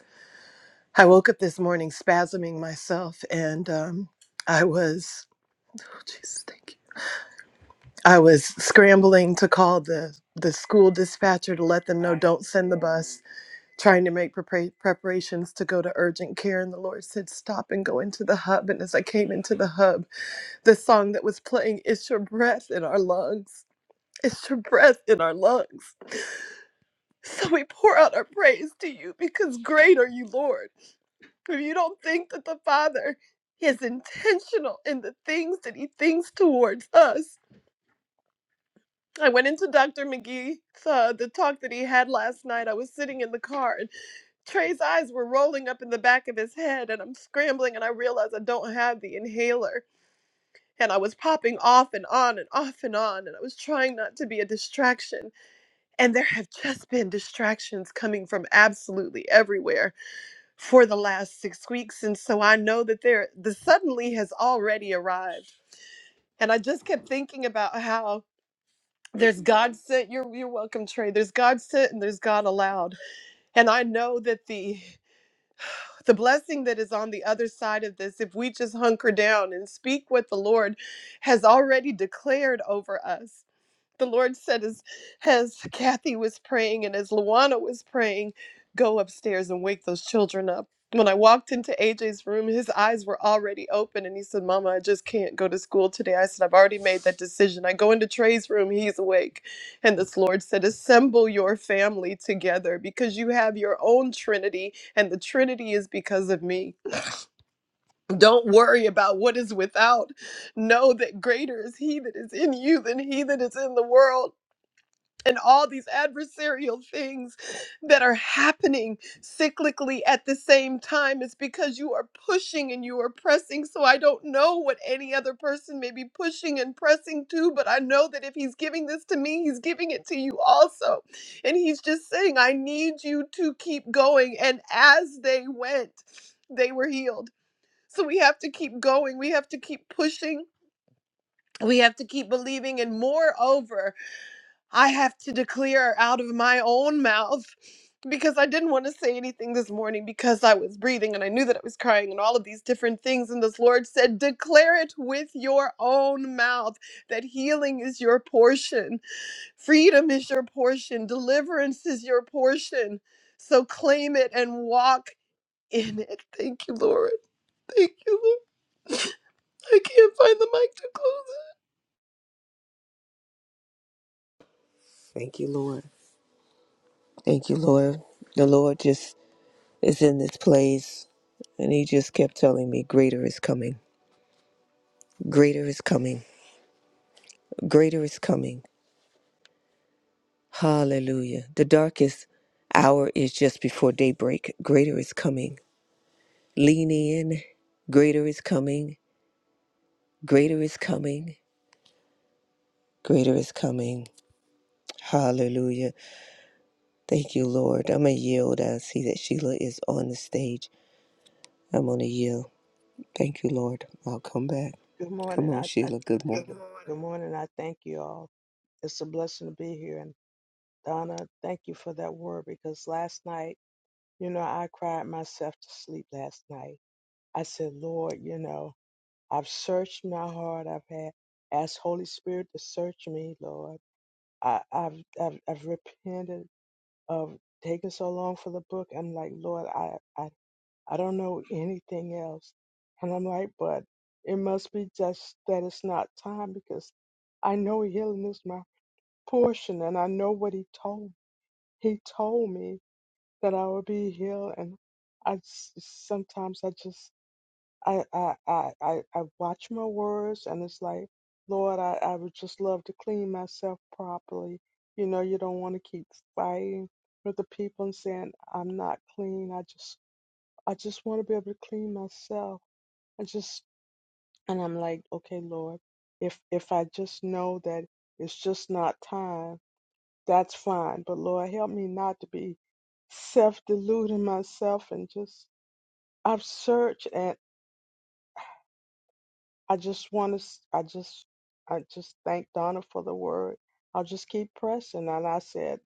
[SPEAKER 6] I woke up this morning spasming myself and um, I was, oh Jesus, thank you. I was scrambling to call the, the school dispatcher to let them know don't send the bus, trying to make prepar- preparations to go to urgent care. And the Lord said, stop and go into the hub. And as I came into the hub, the song that was playing, is Your Breath in Our Lungs. It's Your Breath in Our Lungs So we pour out our praise to you because great are you, Lord. If you don't think that the Father is intentional in the things that he thinks towards us. I went into Dr. McGee's uh, the talk that he had last night. I was sitting in the car and Trey's eyes were rolling up in the back of his head, and I'm scrambling and I realized I don't have the inhaler. And I was popping off and on and off and on, and I was trying not to be a distraction. And there have just been distractions coming from absolutely everywhere for the last six weeks. And so I know that there, the suddenly has already arrived. And I just kept thinking about how there's God sent, you're, you're welcome, Trey. There's God sent and there's God allowed. And I know that the, the blessing that is on the other side of this, if we just hunker down and speak what the Lord has already declared over us, the Lord said as as Kathy was praying and as Luana was praying, go upstairs and wake those children up. When I walked into AJ's room, his eyes were already open and he said, Mama, I just can't go to school today. I said, I've already made that decision. I go into Trey's room, he's awake. And this Lord said, Assemble your family together because you have your own Trinity, and the Trinity is because of me. Don't worry about what is without. Know that greater is he that is in you than he that is in the world and all these adversarial things that are happening cyclically at the same time is because you are pushing and you are pressing. So I don't know what any other person may be pushing and pressing to, but I know that if he's giving this to me, he's giving it to you also. And he's just saying, I need you to keep going. And as they went, they were healed. So we have to keep going, we have to keep pushing. We have to keep believing, and moreover, I have to declare out of my own mouth because I didn't want to say anything this morning because I was breathing and I knew that I was crying and all of these different things. And this Lord said, Declare it with your own mouth that healing is your portion, freedom is your portion, deliverance is your portion. So claim it and walk in it. Thank you, Lord. Thank you, Lord. *laughs* I can't find the mic to close it.
[SPEAKER 7] Thank you, Lord. Thank you, Lord. The Lord just is in this place, and He just kept telling me, Greater is coming. Greater is coming. Greater is coming. Hallelujah. The darkest hour is just before daybreak. Greater is coming. Lean in. Greater is coming. Greater is coming. Greater is coming. Hallelujah. Thank you, Lord. I'm going to yield. I see that Sheila is on the stage. I'm going to yield. Thank you, Lord. I'll come back.
[SPEAKER 8] Good
[SPEAKER 7] Come
[SPEAKER 8] morning.
[SPEAKER 7] on,
[SPEAKER 8] I, I
[SPEAKER 7] Sheila. Good morning.
[SPEAKER 8] good morning. I thank you all. It's a blessing to be here. And Donna, thank you for that word because last night, you know, I cried myself to sleep last night. I said, Lord, you know, I've searched my heart. I've had asked Holy Spirit to search me, Lord. I, I've, I've I've repented of taking so long for the book. I'm like, Lord, I, I I don't know anything else. And I'm like, but it must be just that it's not time because I know healing is my portion and I know what he told he told me that I would be healed and I s- sometimes I just I I I I, I watch my words and it's like Lord I, I would just love to clean myself properly. You know you don't want to keep fighting with the people and saying I'm not clean. I just I just want to be able to clean myself I just and I'm like, okay, Lord, if if I just know that it's just not time, that's fine. But Lord, help me not to be self-deluding myself and just I've searched and I just want to I just I just thank Donna for the word. I'll just keep pressing and I said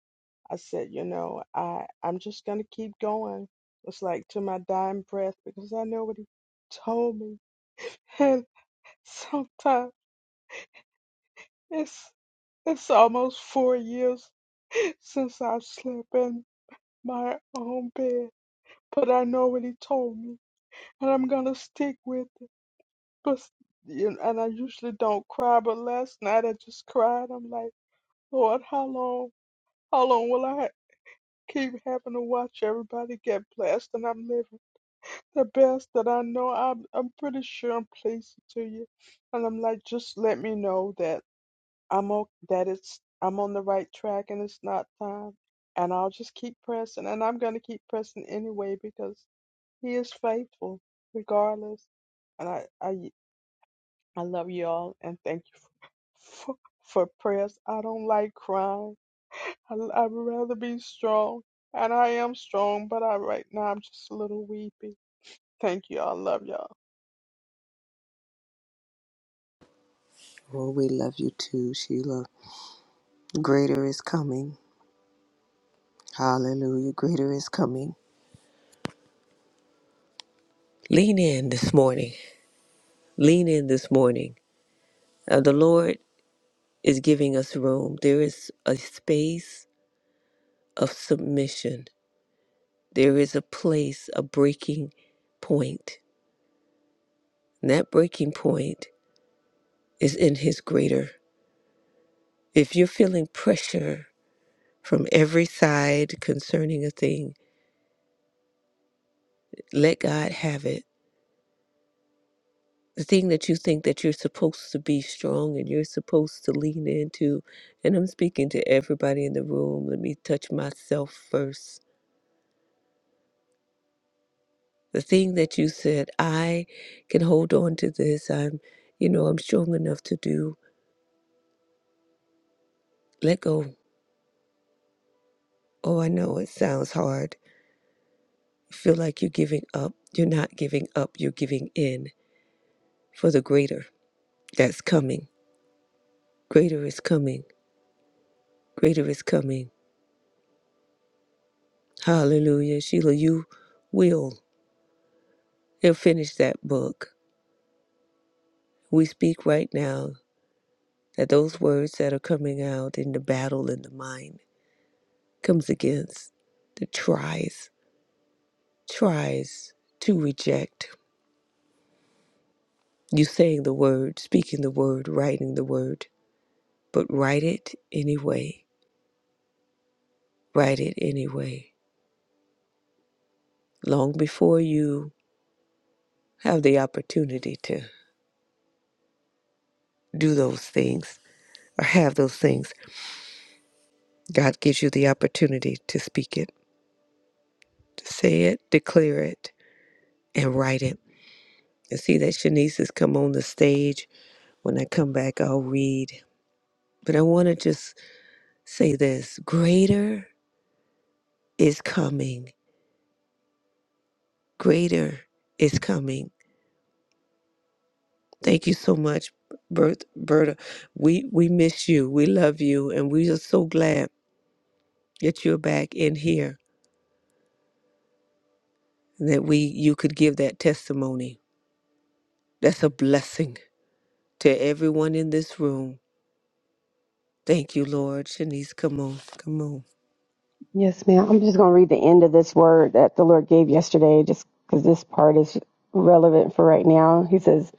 [SPEAKER 8] I said, you know, I I'm just going to keep going. It's like to my dying breath because I know what he told me. *laughs* And sometimes it's It's almost four years *laughs* since I slept in my own bed, but I know what he told me, and I'm gonna stick with it. But you know, and I usually don't cry, but last night I just cried. I'm like, Lord, how long? How long will I keep having to watch everybody get blessed? And I'm living the best that I know. I'm I'm pretty sure I'm pleasing to you, and I'm like, just let me know that. I'm o- that it's I'm on the right track and it's not time. And I'll just keep pressing and I'm gonna keep pressing anyway because he is faithful regardless. And I I I love you all and thank you for, for prayers. I don't like crying. I, I'd rather be strong. And I am strong, but I right now I'm just a little weepy. Thank you. all love y'all.
[SPEAKER 7] Oh, we love you too, Sheila. Greater is coming. Hallelujah. Greater is coming. Lean in this morning. Lean in this morning. Uh, the Lord is giving us room. There is a space of submission, there is a place, a breaking point. And that breaking point is in His greater. If you're feeling pressure from every side concerning a thing, let God have it the thing that you think that you're supposed to be strong and you're supposed to lean into and i'm speaking to everybody in the room let me touch myself first the thing that you said i can hold on to this i'm you know i'm strong enough to do let go oh i know it sounds hard you feel like you're giving up you're not giving up you're giving in for the greater that's coming greater is coming greater is coming hallelujah sheila you will and finish that book. We speak right now that those words that are coming out in the battle in the mind comes against the tries, tries to reject. You saying the word, speaking the word, writing the word, but write it anyway. Write it anyway. Long before you have the opportunity to do those things or have those things, God gives you the opportunity to speak it, to say it, declare it, and write it I see that Shanice has come on the stage. When I come back, I'll read. But I want to just say this greater is coming. Greater is coming. Thank you so much, Bert, Berta. We, we miss you. We love you. And we are so glad that you're back in here and that we you could give that testimony. That's a blessing to everyone in this room. Thank you, Lord. Shanice, come on. Come on.
[SPEAKER 9] Yes, ma'am. I'm just going to read the end of this word that the Lord gave yesterday, just because this part is relevant for right now. He says,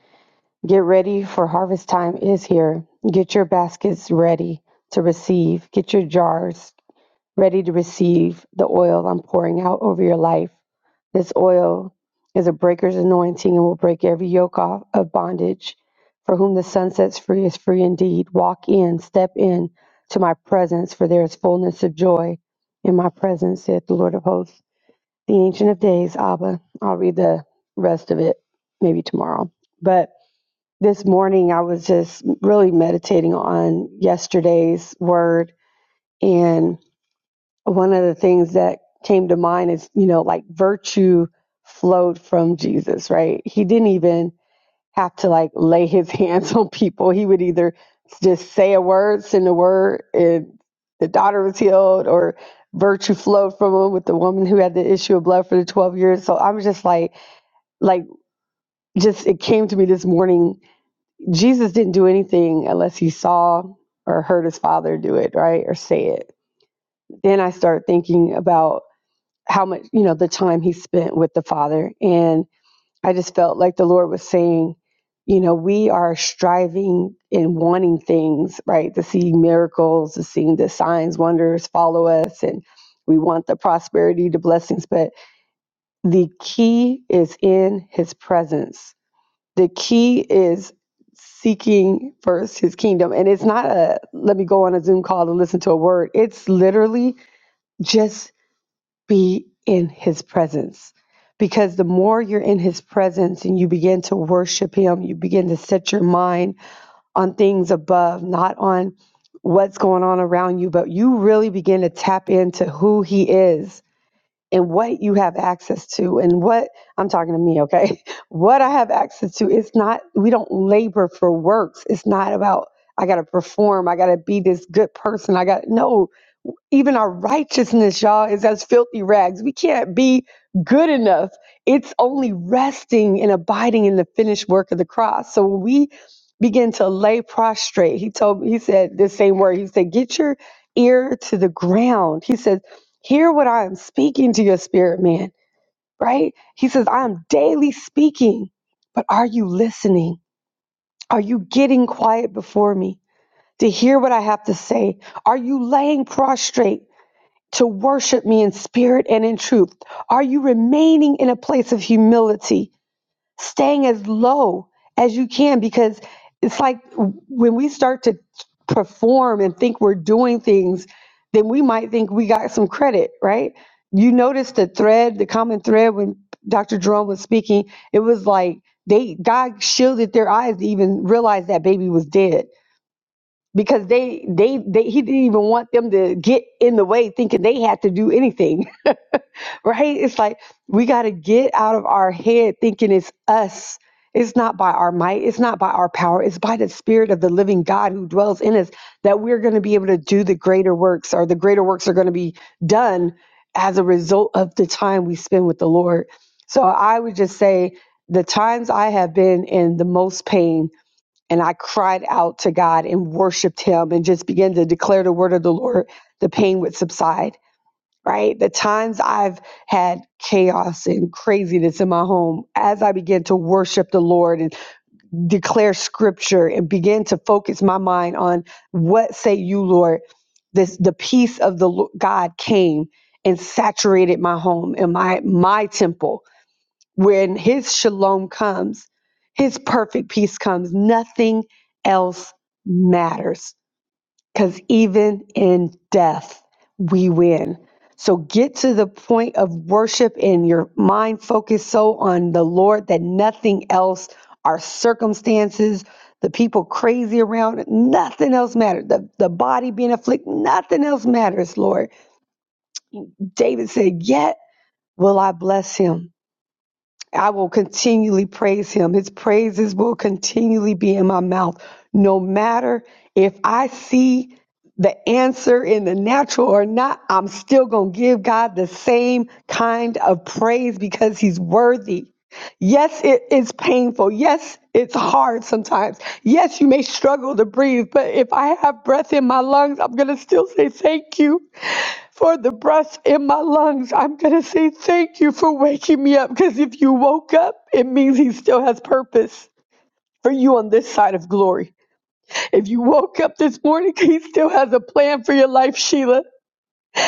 [SPEAKER 9] Get ready, for harvest time is here. Get your baskets ready to receive. Get your jars ready to receive the oil I'm pouring out over your life. This oil is a breaker's anointing and will break every yoke off of bondage. For whom the sun sets free is free indeed. Walk in, step in to my presence, for there is fullness of joy in my presence, saith the Lord of hosts. The Ancient of Days, Abba. I'll read the rest of it maybe tomorrow. But this morning I was just really meditating on yesterday's word and one of the things that came to mind is, you know, like virtue flowed from Jesus, right? He didn't even have to like lay his *laughs* hands on people. He would either just say a word, send a word, and the daughter was healed, or virtue flowed from him with the woman who had the issue of blood for the 12 years. So I'm just like, like, just it came to me this morning. Jesus didn't do anything unless he saw or heard his father do it, right? Or say it. Then I start thinking about how much you know the time he spent with the father and i just felt like the lord was saying you know we are striving and wanting things right to see miracles to seeing the signs wonders follow us and we want the prosperity the blessings but the key is in his presence the key is seeking first his kingdom and it's not a let me go on a zoom call to listen to a word it's literally just be in his presence. Because the more you're in his presence and you begin to worship him, you begin to set your mind on things above, not on what's going on around you, but you really begin to tap into who he is and what you have access to and what I'm talking to me, okay? *laughs* What I have access to. It's not, we don't labor for works. It's not about, I got to perform, I got to be this good person. I got, no, even our righteousness, y'all, is as filthy rags. We can't be good enough. It's only resting and abiding in the finished work of the cross. So when we begin to lay prostrate, he told he said the same word. He said, Get your ear to the ground. He says, Hear what I am speaking to your spirit, man, right? He says, I am daily speaking, but are you listening? Are you getting quiet before me to hear what I have to say? Are you laying prostrate? to worship me in spirit and in truth? Are you remaining in a place of humility, staying as low as you can? Because it's like when we start to perform and think we're doing things, then we might think we got some credit, right? You notice the thread, the common thread when Dr. Jerome was speaking, it was like they God shielded their eyes to even realize that baby was dead because they they they he didn't even want them to get in the way thinking they had to do anything *laughs* right it's like we got to get out of our head thinking it's us it's not by our might it's not by our power it's by the spirit of the living god who dwells in us that we're going to be able to do the greater works or the greater works are going to be done as a result of the time we spend with the lord so i would just say the times i have been in the most pain and I cried out to God and worshiped Him and just began to declare the word of the Lord, the pain would subside, right? The times I've had chaos and craziness in my home, as I began to worship the Lord and declare scripture and began to focus my mind on what say you, Lord, this the peace of the Lo- God came and saturated my home and my my temple when his shalom comes, his perfect peace comes, nothing else matters. Because even in death, we win. So get to the point of worship and your mind focused so on the Lord that nothing else, our circumstances, the people crazy around, nothing else matters. The, the body being afflicted, nothing else matters, Lord. David said, Yet will I bless him. I will continually praise him. His praises will continually be in my mouth, no matter if I see the answer in the natural or not. I'm still going to give God the same kind of praise because he's worthy. Yes, it is painful. Yes, it's hard sometimes. Yes, you may struggle to breathe, but if I have breath in my lungs, I'm going to still say thank you for the breath in my lungs. I'm going to say thank you for waking me up because if you woke up, it means he still has purpose for you on this side of glory. If you woke up this morning, he still has a plan for your life, Sheila.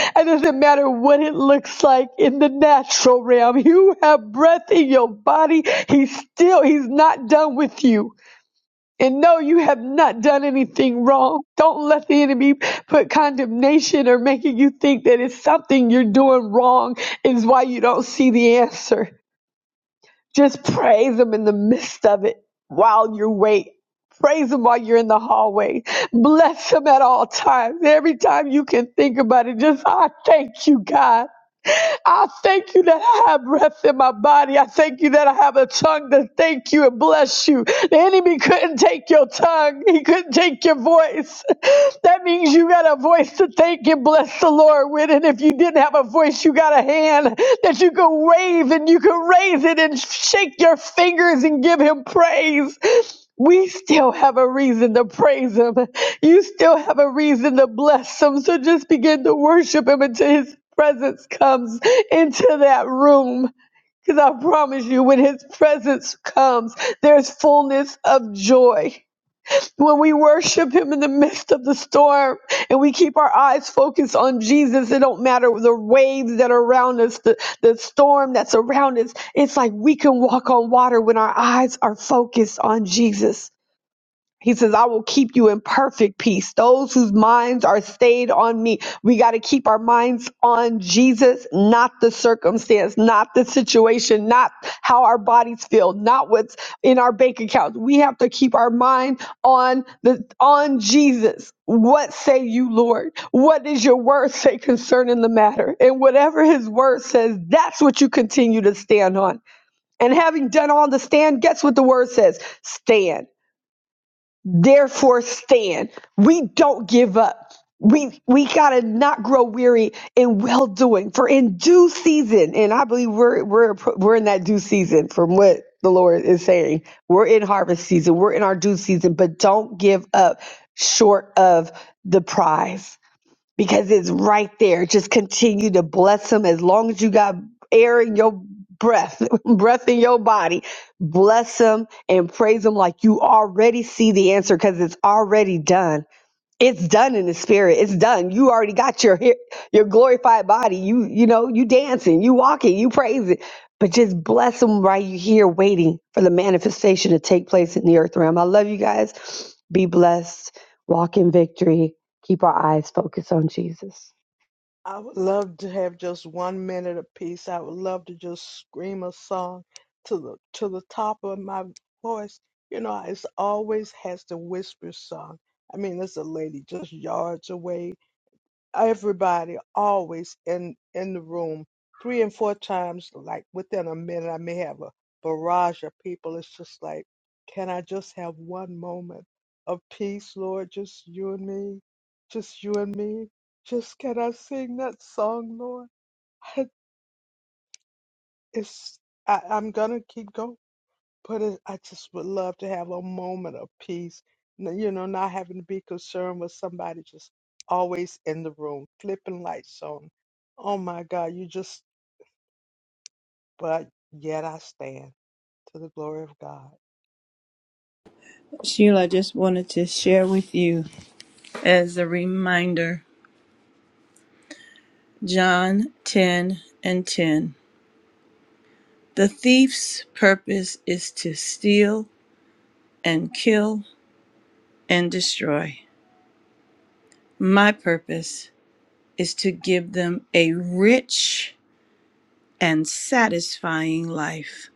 [SPEAKER 9] It doesn't matter what it looks like in the natural realm. You have breath in your body. He's still, he's not done with you and know you have not done anything wrong. Don't let the enemy put condemnation or making you think that it's something you're doing wrong is why you don't see the answer. Just praise him in the midst of it while you wait. Praise him while you're in the hallway. Bless him at all times. Every time you can think about it, just I thank you, God. I thank you that I have breath in my body. I thank you that I have a tongue to thank you and bless you. The enemy couldn't take your tongue, he couldn't take your voice. *laughs* That means you got a voice to thank and bless the Lord with. And if you didn't have a voice, you got a hand that you can wave and you can raise it and shake your fingers and give him praise. We still have a reason to praise him. You still have a reason to bless him. So just begin to worship him until his presence comes into that room. Because I promise you, when his presence comes, there's fullness of joy. When we worship him in the midst of the storm and we keep our eyes focused on Jesus, it don't matter the waves that are around us, the, the storm that's around us. It's like we can walk on water when our eyes are focused on Jesus. He says, I will keep you in perfect peace. Those whose minds are stayed on me. We got to keep our minds on Jesus, not the circumstance, not the situation, not how our bodies feel, not what's in our bank accounts. We have to keep our mind on the, on Jesus. What say you, Lord? What does your word say concerning the matter? And whatever his word says, that's what you continue to stand on. And having done all the stand, guess what the word says? Stand therefore stand we don't give up we we gotta not grow weary in well doing for in due season and i believe we're we're we're in that due season from what the lord is saying we're in harvest season we're in our due season but don't give up short of the prize because it's right there. Just continue to bless him as long as you got air in your breath, *laughs* breath in your body. Bless him and praise him like you already see the answer because it's already done it's done in the spirit it's done you already got your your glorified body you you know you dancing you walking you praising but just bless them while you here waiting for the manifestation to take place in the earth realm i love you guys be blessed walk in victory keep our eyes focused on jesus
[SPEAKER 8] I would love to have just one minute apiece. I would love to just scream a song to the to the top of my voice. You know, it's always has the whisper song. I mean, there's a lady just yards away everybody always in in the room three and four times like within a minute i may have a barrage of people it's just like can i just have one moment of peace lord just you and me just you and me just can i sing that song lord *laughs* it's I, i'm gonna keep going but it, I just would love to have a moment of peace, n- you know, not having to be concerned with somebody just always in the room, flipping lights on. Oh my God, you just, but yet I stand to the glory of God.
[SPEAKER 1] Sheila, I just wanted to share with you as a reminder John 10 and 10. The thief's purpose is to steal and kill and destroy. My purpose is to give them a rich and satisfying life.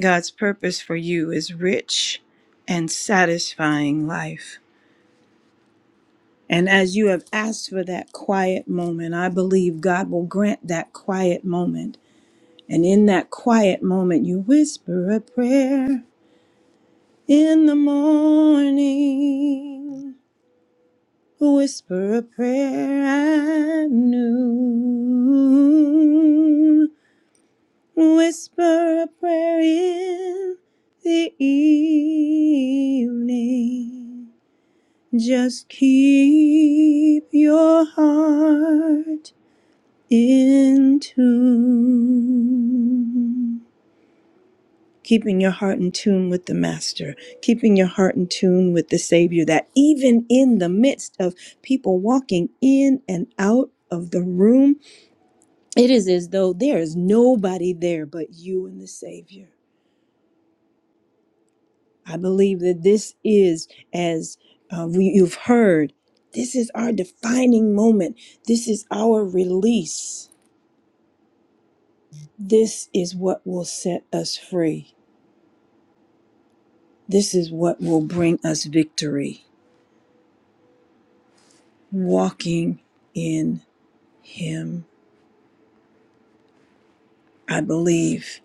[SPEAKER 1] God's purpose for you is rich and satisfying life. And as you have asked for that quiet moment, I believe God will grant that quiet moment. And in that quiet moment, you whisper a prayer in the morning, whisper a prayer at noon, whisper a prayer in the evening. Just keep your heart in tune. Keeping your heart in tune with the Master, keeping your heart in tune with the Savior, that even in the midst of people walking in and out of the room, it is as though there is nobody there but you and the Savior. I believe that this is, as uh, we, you've heard, this is our defining moment. This is our release. This is what will set us free This is what will bring us victory. Walking in Him. I believe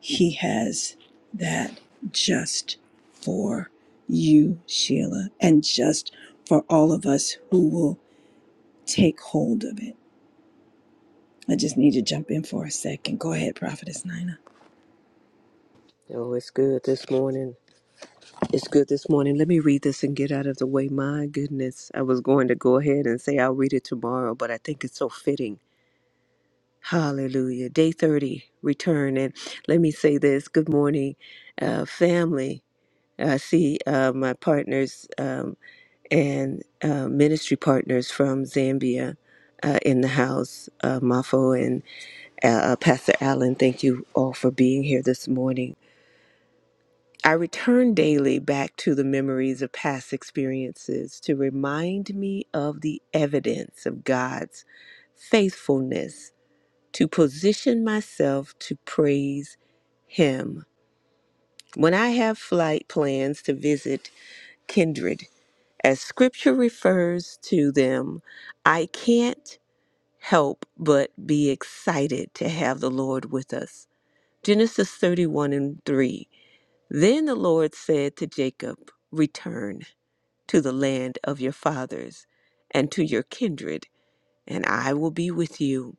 [SPEAKER 1] He has that just for you, Sheila, and just for all of us who will take hold of it. I just need to jump in for a second. Go ahead, Prophetess Nina.
[SPEAKER 7] Oh, it's good this morning. It's good this morning. Let me read this and get out of the way. My goodness. I was going to go ahead and say I'll read it tomorrow, but I think it's so fitting. Hallelujah. Day 30, return. And let me say this good morning, uh, family. I see uh, my partners um, and uh, ministry partners from Zambia uh, in the house, uh, Mafo and uh, uh, Pastor Allen. Thank you all for being here this morning. I return daily back to the memories of past experiences to remind me of the evidence of God's faithfulness to position myself to praise Him. When I have flight plans to visit kindred, as scripture refers to them, I can't help but be excited to have the Lord with us. Genesis 31 and 3 then the Lord said to Jacob, Return to the land of your fathers and to your kindred, and I will be with you.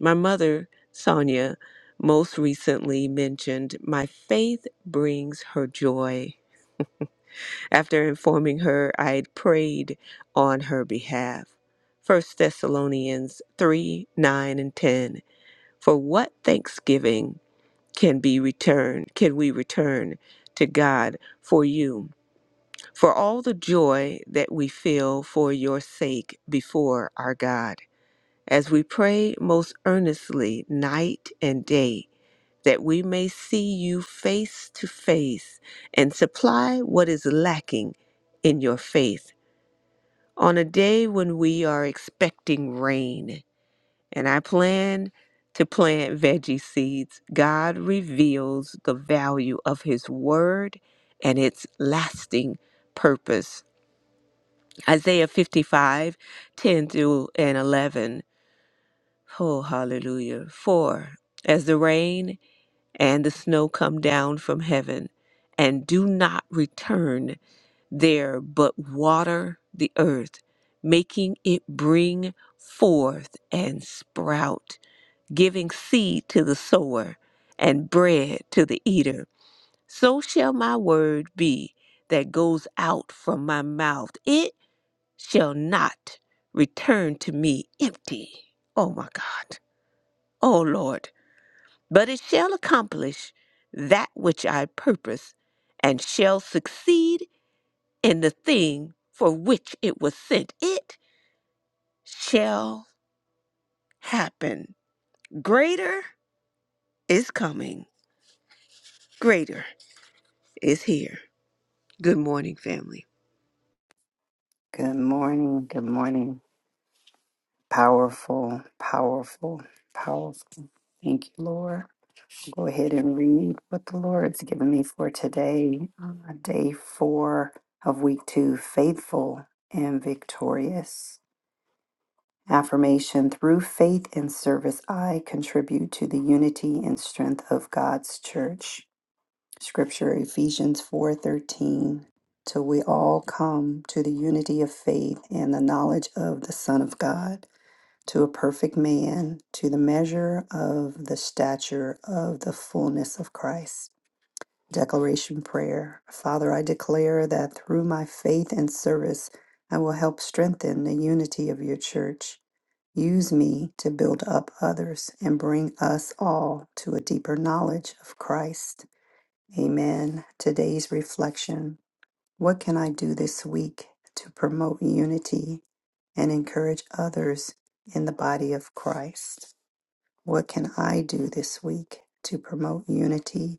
[SPEAKER 7] My mother, Sonia, most recently mentioned, My faith brings her joy. After informing her, I had prayed on her behalf. First Thessalonians 3 9 and 10. For what thanksgiving can be returned, can we return to God for you? for all the joy that we feel for your sake before our God, as we pray most earnestly night and day that we may see you face to face and supply what is lacking in your faith on a day when we are expecting rain. And I plan to plant veggie seeds. God reveals the value of His Word and its lasting purpose. Isaiah 55, 10 through and 11. Oh, hallelujah. For As the rain and the snow come down from heaven and do not return there, but water the earth, making it bring forth and sprout, giving seed to the sower and bread to the eater, so shall my word be that goes out from my mouth. It shall not return to me empty. Oh my God. Oh Lord. But it shall accomplish that which I purpose and shall succeed in the thing for which it was sent. It shall happen. Greater is coming, greater is here. Good morning, family.
[SPEAKER 2] Good morning. Good morning. Powerful, powerful, powerful. Thank you, Lord. Go ahead and read what the Lord's given me for today, uh, day four of week two faithful and victorious. Affirmation through faith and service, I contribute to the unity and strength of God's church. Scripture Ephesians 4:13 till we all come to the unity of faith and the knowledge of the Son of God to a perfect man to the measure of the stature of the fullness of Christ. Declaration prayer. Father, I declare that through my faith and service I will help strengthen the unity of your church. Use me to build up others and bring us all to a deeper knowledge of Christ. Amen. Today's reflection What can I do this week to promote unity and encourage others in the body of Christ? What can I do this week to promote unity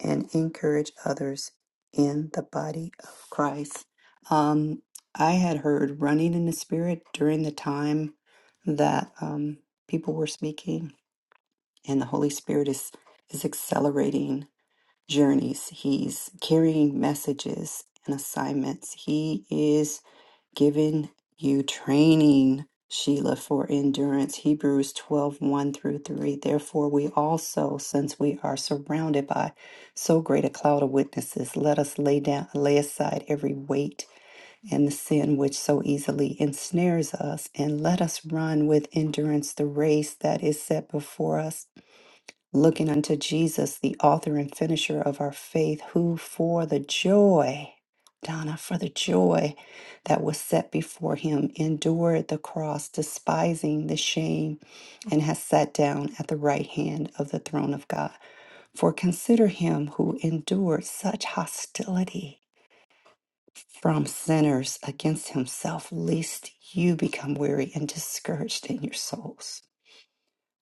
[SPEAKER 2] and encourage others in the body of Christ? Um, I had heard running in the Spirit during the time that um, people were speaking, and the Holy Spirit is, is accelerating journeys. He's carrying messages and assignments. He is giving you training, Sheila, for endurance. Hebrews twelve one through 3. Therefore, we also, since we are surrounded by so great a cloud of witnesses, let us lay down, lay aside every weight and the sin which so easily ensnares us, and let us run with endurance the race that is set before us looking unto Jesus, the author and finisher of our faith, who for the joy, Donna, for the joy that was set before him, endured the cross, despising the shame, and has sat down at the right hand of the throne of God. For consider him who endured such hostility from sinners against himself, lest you become weary and discouraged in your souls.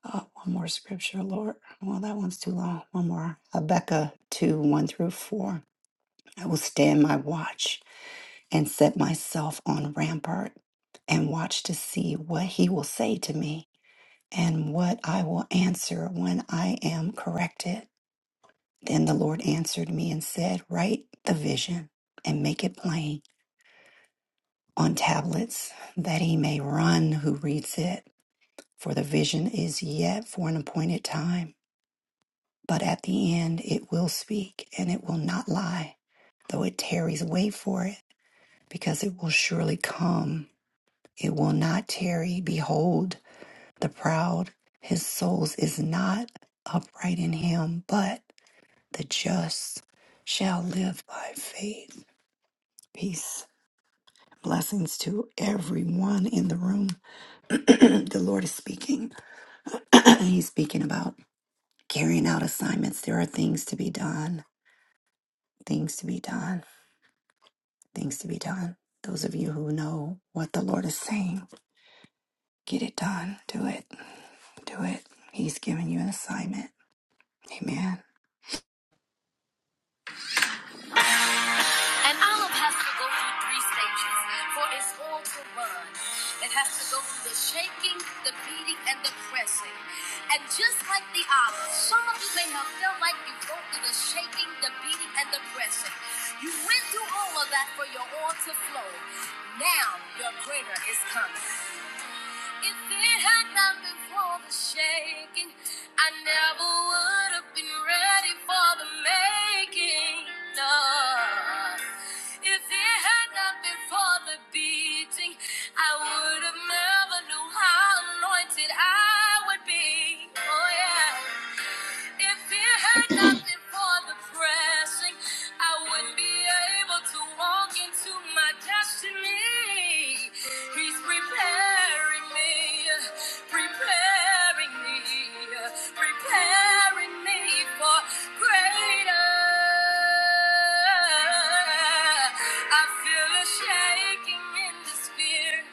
[SPEAKER 2] Uh, One more scripture, Lord. Well, that one's too long. One more. Habakkuk 2 1 through 4. I will stand my watch and set myself on rampart and watch to see what he will say to me and what I will answer when I am corrected. Then the Lord answered me and said, Write the vision and make it plain on tablets that he may run who reads it. For the vision is yet for an appointed time but at the end it will speak and it will not lie. Though it tarries, wait for it, because it will surely come. It will not tarry. Behold, the proud, his soul's is not upright in him, but the just shall live by faith. Peace. Blessings to everyone in the room. *clears throat* the Lord is speaking. *clears throat* He's speaking about carrying out assignments. There are things to be done, things to be done things to be done. Those of you who know what the Lord is saying, get it done. Do it. Do it. He's giving you an assignment. Amen.
[SPEAKER 3] An olive has to go through three stages for its oil to run. It has to go through the shaking, the beating, and the pressing. And just like the olive, some of you may have felt like you go through the shaking, the beating, and the pressing. You went through all of that for your oil to flow. Now your greater is coming. If it had not been for the shaking, I never would have been ready for the making. No. If it had not been for the beating, I would have never knew how anointed I would be. Oh yeah. If it had not been for the pressing, I wouldn't be able to walk into my destiny. He's preparing me, preparing me, preparing me for greater. I feel a shaking in the spirit.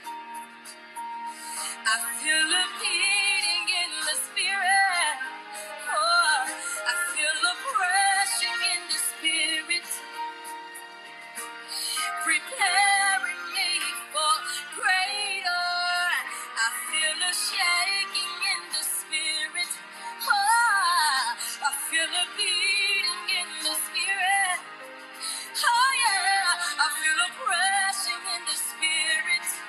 [SPEAKER 3] I feel a beating in the spirit. Oh, I feel a pressing in the spirit, preparing me for greater. I feel a shaking in the spirit. Oh, I feel a beating in the spirit. Oh yeah, I feel a pressing in the spirit.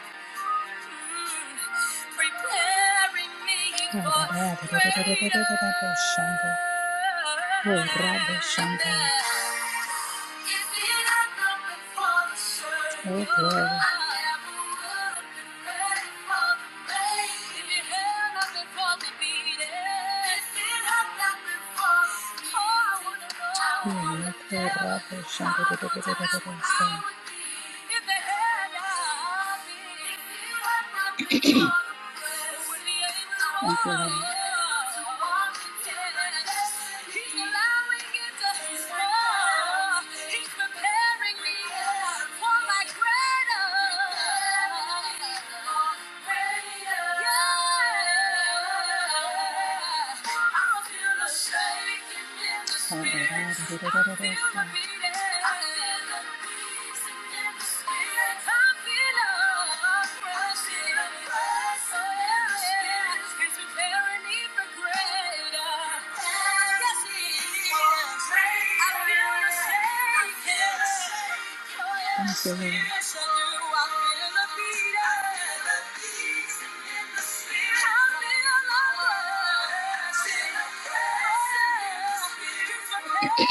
[SPEAKER 3] Oh, baby, I'd rather be with somebody. Oh, rather be somebody. Oh, yeah. Oh, rather be somebody. Thank you, Lord.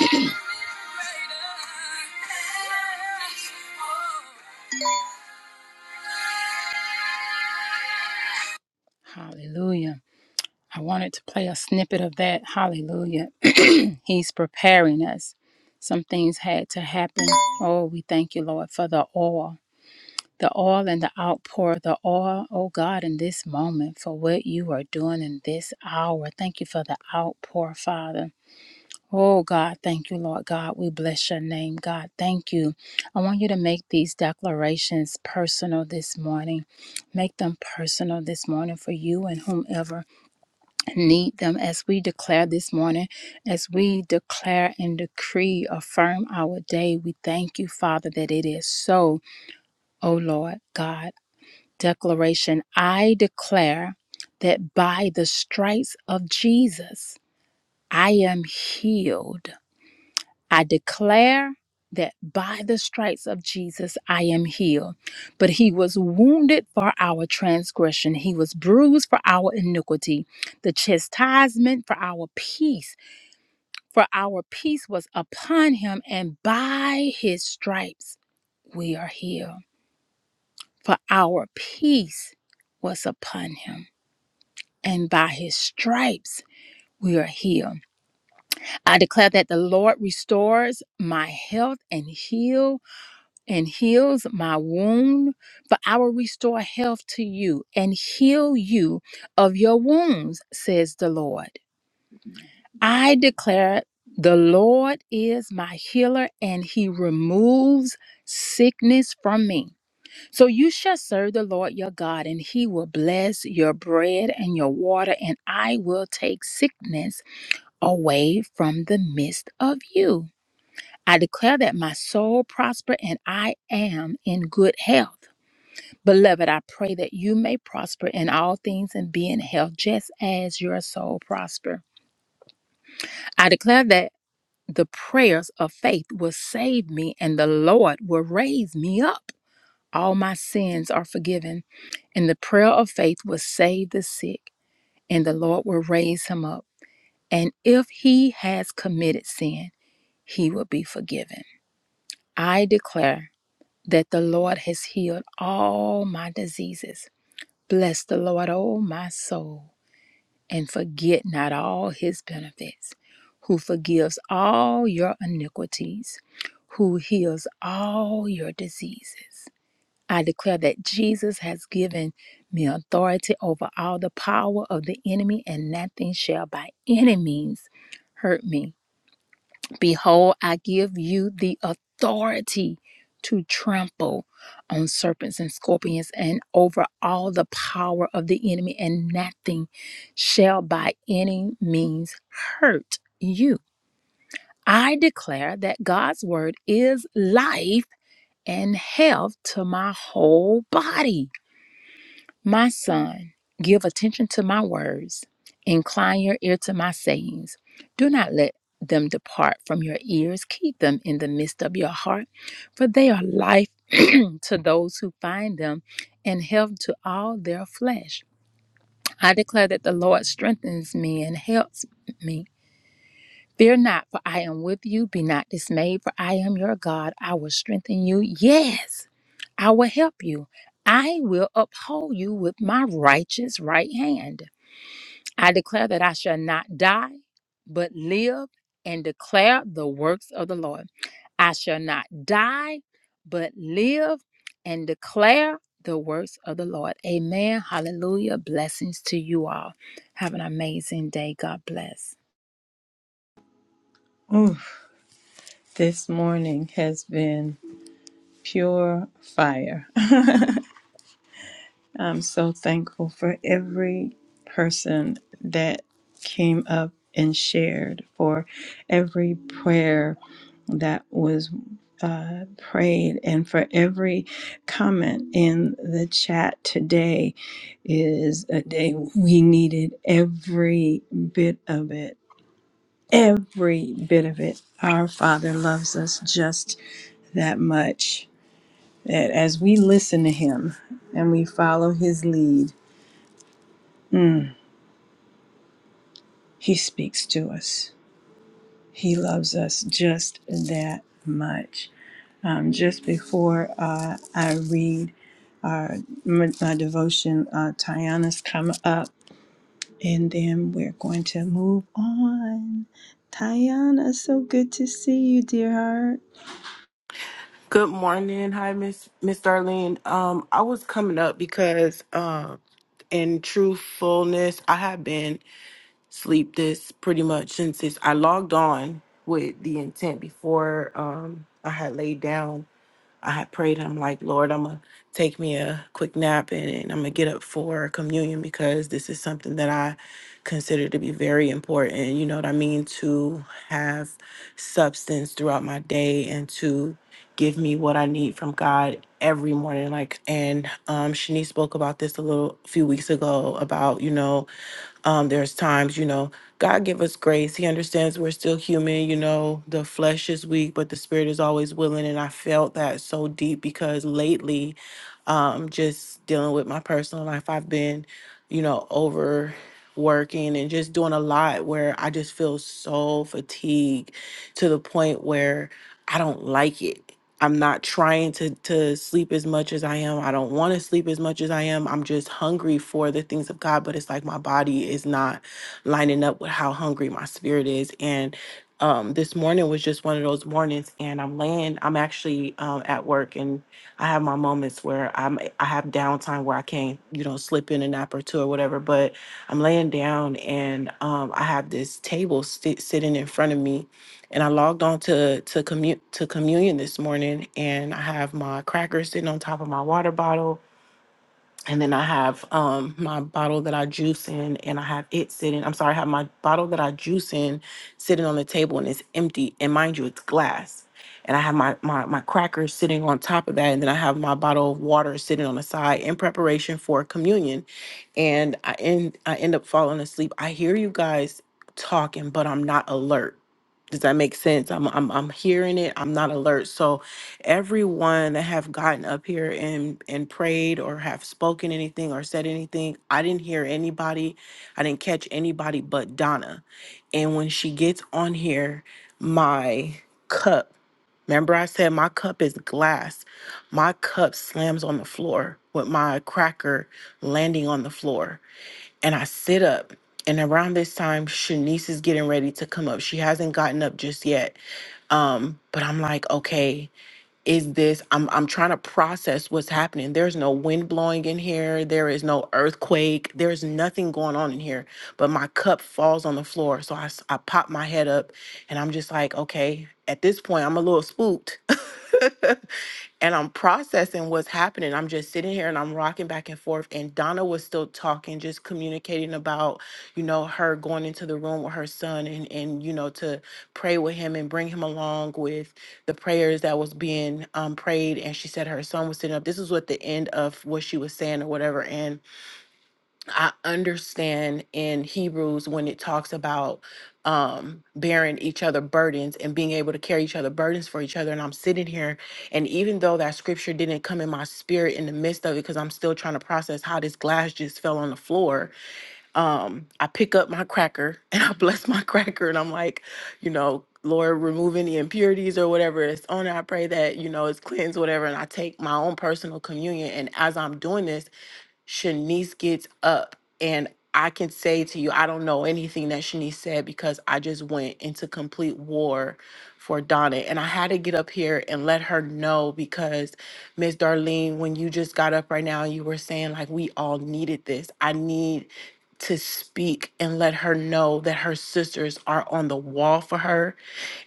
[SPEAKER 3] Thank you, Lord. *clears throat* Hallelujah. I wanted to play a snippet of that. Hallelujah. *clears throat* He's preparing us. Some things had to happen. Oh, we thank you, Lord, for the oil, the oil and the outpour, the oil, oh God, in this moment for what you are doing in this hour. Thank you for the outpour, Father. Oh God, thank you, Lord God. We bless your name, God. Thank you. I want you to make these declarations personal this morning. Make them personal this morning for you and whomever need them as we declare this morning, as we declare and decree, affirm our day. We thank you, Father, that it is so, oh Lord God. Declaration I declare that by the stripes of Jesus, I am healed. I declare that by the stripes of Jesus I am healed. But he was wounded for our transgression, he was bruised for our iniquity. The chastisement for our peace, for our peace was upon him, and by his stripes we are healed. For our peace was upon him, and by his stripes we are healed. I declare that the Lord restores my health and heals. and heals my wound, for I will restore health to you and heal you of your wounds, says the Lord. I declare the Lord is my healer and he removes sickness from me. So you shall serve the Lord your God, and he will bless your bread and your water, and I will take sickness away from the midst of you. I declare that my soul prosper and I am in good health. Beloved, I pray that you may prosper in all things and be in health just as your soul prosper. I declare that the prayers of faith will save me and the Lord will raise me up. All my sins are forgiven, and the prayer of faith will save the sick, and the Lord will raise him up. And if he has committed sin, he will be forgiven. I declare that the Lord has healed all my diseases. Bless the Lord, O my soul and forget not all his benefits, who forgives all your iniquities, who heals all your diseases. I declare that Jesus has given me authority over all the power of the enemy, and nothing shall by any means hurt me. Behold, I give you the authority to trample on serpents and scorpions and over all the power of the enemy, and nothing shall by any means hurt you. I declare that God's word is life and health to my whole body. My son, give attention to my words, incline your ear to my sayings. Do not let them depart from your ears, keep them in the midst of your heart, for they are life *clears throat* to those who find them and health to all their flesh. I declare that the Lord strengthens me and helps me. Fear not, for I am with you. Be not dismayed, for I am your God. I will strengthen you. Yes, I will help you. I will uphold you with my righteous right hand. I declare that I shall not die, but live and declare the works of the Lord. I shall not die, but live and declare the works of the Lord. Amen. Hallelujah. Blessings to you all. Have an amazing day. God bless.
[SPEAKER 1] Ooh, this morning has been pure fire. *laughs* I'm so thankful for every person that came up and shared, for every prayer that was uh, prayed, and for every comment in the chat. Today is a day we needed every bit of it. Every bit of it. Our Father loves us just that much. That as we listen to Him and we follow His lead, mm, He speaks to us. He loves us just that much. Um, just before uh, I read our, my devotion, uh, Tayana's come up, and then we're going to move on. Tayana, so good to see you, dear heart.
[SPEAKER 10] Good morning. Hi, Miss Miss Darlene. Um, I was coming up because um in truthfulness, I have been sleep this pretty much since it's, I logged on with the intent before um, I had laid down. I had prayed. I'm like, Lord, I'm gonna take me a quick nap and, and I'm gonna get up for communion because this is something that I consider to be very important. You know what I mean? To have substance throughout my day and to give me what I need from God every morning. Like, and um, Shanice spoke about this a little few weeks ago about, you know. Um, there's times, you know, God give us grace. He understands we're still human, you know, the flesh is weak, but the spirit is always willing. And I felt that so deep because lately, um, just dealing with my personal life, I've been, you know, overworking and just doing a lot where I just feel so fatigued to the point where I don't like it. I'm not trying to to sleep as much as I am. I don't want to sleep as much as I am. I'm just hungry for the things of God, but it's like my body is not lining up with how hungry my spirit is. And um, this morning was just one of those mornings, and I'm laying. I'm actually um, at work, and I have my moments where I'm I have downtime where I can't you know slip in a nap or two or whatever. But I'm laying down, and um, I have this table sit sitting in front of me, and I logged on to to commu- to communion this morning, and I have my crackers sitting on top of my water bottle, and then I have um my bottle that I juice in and I have it sitting. I'm sorry, I have my bottle that I juice in sitting on the table and it's empty. And mind you, it's glass. And I have my my my crackers sitting on top of that. And then I have my bottle of water sitting on the side in preparation for communion. And I end I end up falling asleep. I hear you guys talking, but I'm not alert. Does that make sense? I'm I'm I'm hearing it. I'm not alert. So everyone that have gotten up here and and prayed or have spoken anything or said anything i didn't hear anybody i didn't catch anybody but donna and when she gets on here my cup remember i said my cup is glass my cup slams on the floor with my cracker landing on the floor and i sit up and around this time shanice is getting ready to come up she hasn't gotten up just yet um but i'm like okay is this i'm i'm trying to process what's happening there's no wind blowing in here there is no earthquake there's nothing going on in here but my cup falls on the floor so i s- I pop my head up and i'm just like okay at this point i'm a little spooked *laughs* and i'm processing what's happening i'm just sitting here and i'm rocking back and forth and donna was still talking just communicating about you know her going into the room with her son and and you know to pray with him and bring him along with the prayers that was being um, prayed and she said her son was sitting up this is what the end of what she was saying or whatever and i understand in hebrews when it talks about um, bearing each other burdens and being able to carry each other burdens for each other and i'm sitting here and even though that scripture didn't come in my spirit in the midst of it because i'm still trying to process how this glass just fell on the floor um, I pick up my cracker *laughs* and I bless my cracker and I'm like, you know, Lord, remove any impurities or whatever it's on it. I pray that, you know, it's cleansed, whatever. And I take my own personal communion. And as I'm doing this, Shanice gets up and I can say to you, I don't know anything that Shanice said because I just went into complete war for Donna. And I had to get up here and let her know because Miss Darlene, when you just got up right now, you were saying like we all needed this. I need to speak and let her know that her sisters are on the wall for her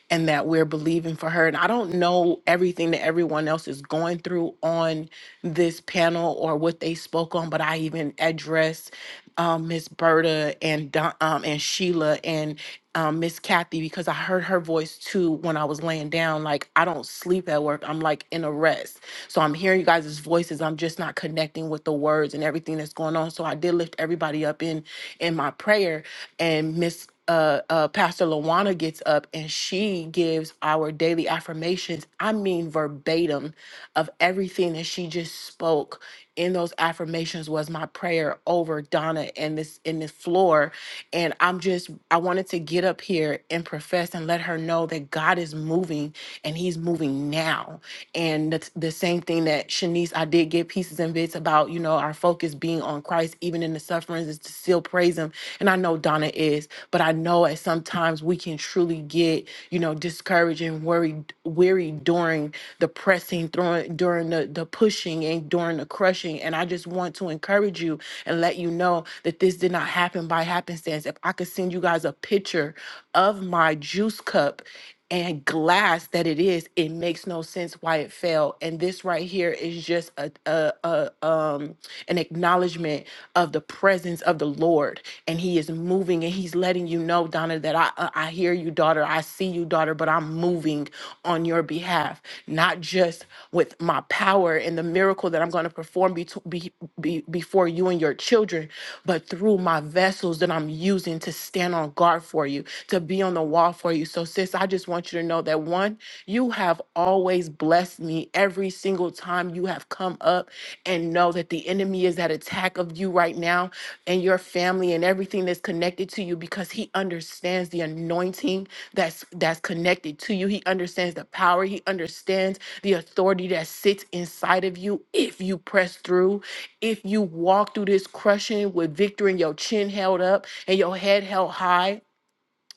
[SPEAKER 10] and that we're believing for her. And I don't know everything that everyone else is going through on this panel or what they spoke on, but I even addressed um, Miss Berta and Don, um, and Sheila and um, Miss Kathy because I heard her voice too when I was laying down. Like I don't sleep at work; I'm like in a rest, so I'm hearing you guys' voices. I'm just not connecting with the words and everything that's going on. So I did lift everybody up up in in my prayer and miss uh, uh, Pastor Lawana gets up and she gives our daily affirmations. I mean, verbatim of everything that she just spoke in those affirmations was my prayer over Donna and this in this floor. And I'm just, I wanted to get up here and profess and let her know that God is moving and He's moving now. And that's the same thing that Shanice, I did get pieces and bits about, you know, our focus being on Christ, even in the sufferings offerings is to still praise him. And I know Donna is, but I know at sometimes we can truly get, you know, discouraged and worried, weary during the pressing, during, during the, the pushing and during the crushing. And I just want to encourage you and let you know that this did not happen by happenstance. If I could send you guys a picture of my juice cup and glass that it is it makes no sense why it fell and this right here is just a, a, a um an acknowledgement of the presence of the lord and he is moving and he's letting you know donna that i i I hear you daughter i see you daughter but i'm moving on your behalf not just with my power power and the miracle that I'm going to perform be, be, be, before you and your children, but through my vessels that I'm using to stand on guard for you, to be on the wall for you. So, sis, I just want you to know that one, you have always blessed me every single time you have come up and know that the enemy is at attack of you right now and your family and everything that's connected to you because he understands the anointing that's that's connected to you. He understands the power. He understands the authority that sits inside of you if you press through, if you walk through this crushing with victory and your chin held up and your head held high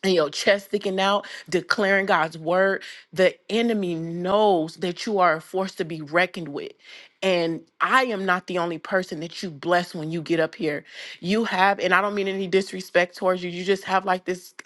[SPEAKER 10] and your chest sticking out, declaring God's word, the enemy knows that you are a force to be reckoned with. And I am not the only person that you bless when you get up here. You have, and I don't mean any disrespect towards you, you just have like this. *laughs*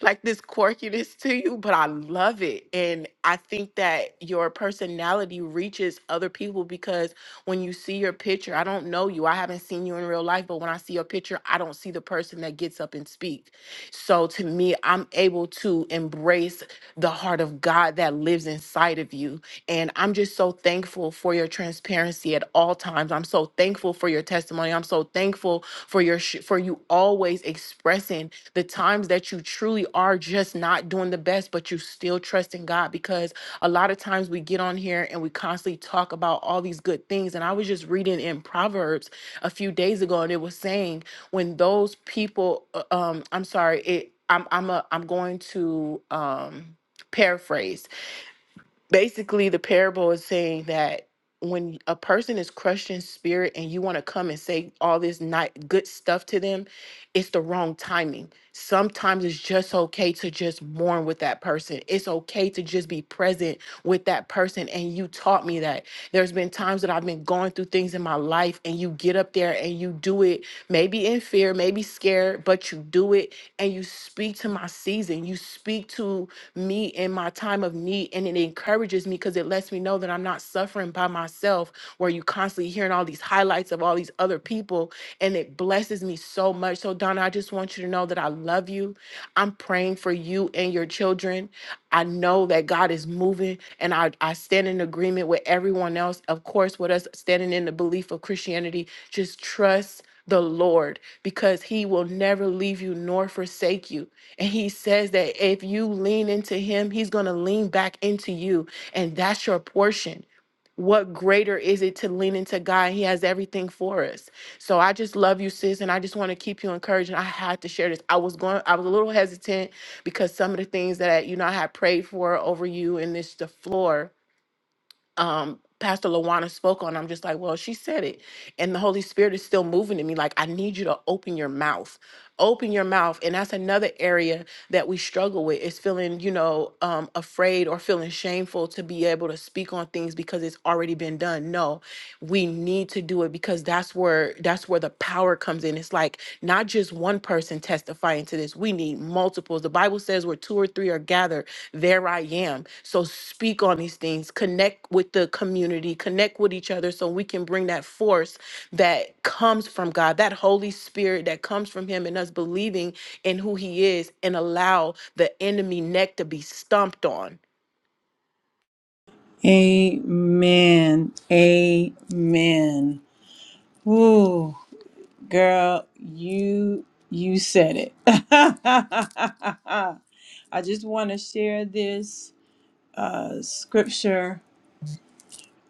[SPEAKER 10] like this quirkiness to you, but I love it. And I think that your personality reaches other people because when you see your picture, I don't know you, I haven't seen you in real life, but when I see your picture, I don't see the person that gets up and speaks. So to me, I'm able to embrace the heart of God that lives inside of you. And I'm just so thankful for your transparency at all times. I'm so thankful for your testimony. I'm so thankful for your sh- for you always expressing the times that you truly are just not doing the best, but you still trust in God because a lot of times we get on here and we constantly talk about all these good things. And I was just reading in Proverbs a few days ago, and it was saying when those people, uh, um, I'm sorry, it, I'm I'm a, I'm going to um, paraphrase. Basically, the parable is saying that when a person is crushed in spirit and you want to come and say all this not good stuff to them, it's the wrong timing. Sometimes it's just okay to just mourn with that person. It's okay to just be present with that person. And you taught me that. There's been times that I've been going through things in my life and you get up there and you do it, maybe in fear, maybe scared, but you do it and you speak to my season. You speak to me in my time of need and it encourages me because it lets me know that I'm not suffering suffering by myself where you constantly hearing all these highlights of all these other people and it blesses me so much so donna i just want you to know that i love you i'm praying for you and your children i know that god is moving and i, I stand in agreement with everyone else of course with us standing in the belief of christianity just trust the Lord, because He will never leave you nor forsake you. And He says that if you lean into Him, He's going to lean back into you. And that's your portion what greater is it to lean into God? He has everything for us. So I just love you, sis, and I just want to keep you encouraged. And I had to share this. I was going, I was a little hesitant because some of the things that you know I had prayed for over you and this the floor um Pastor Lawana spoke on, I'm just like, well, she said it. And the Holy Spirit is still moving in me. Like, I need you to open your mouth. Open your mouth. And that's another area that we struggle with is feeling, you know, um, afraid or feeling shameful to be able to speak on things because it's already been done. No, we need to do it because that's where that's where the power comes in. It's like not just one person testifying to this. We need multiples. The Bible Bible says where two or three are gathered, there I am. So speak on these things, connect with the community, connect with each other so we can bring that force that comes from God, that Holy Spirit that comes from Him and us believing in who He is and allow the enemy neck to be stomped on.
[SPEAKER 1] Amen. Amen. Ooh. Girl, you you said it. *laughs* I just want to share this uh, scripture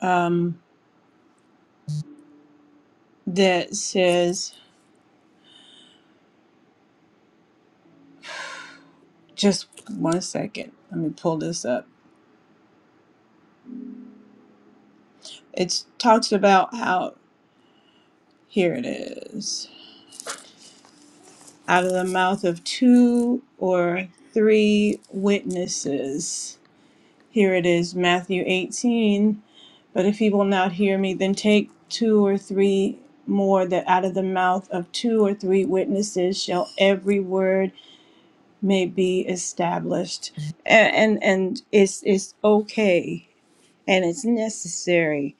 [SPEAKER 1] um, that says, just one second. Let me pull this up. It talks about how here it is. Out of the mouth of two or three witnesses Here it is, Matthew 18. But if he will not hear me, then take two or three more, that out of the mouth of two or three witnesses shall every word may be established. And and, and it's it's okay and it's necessary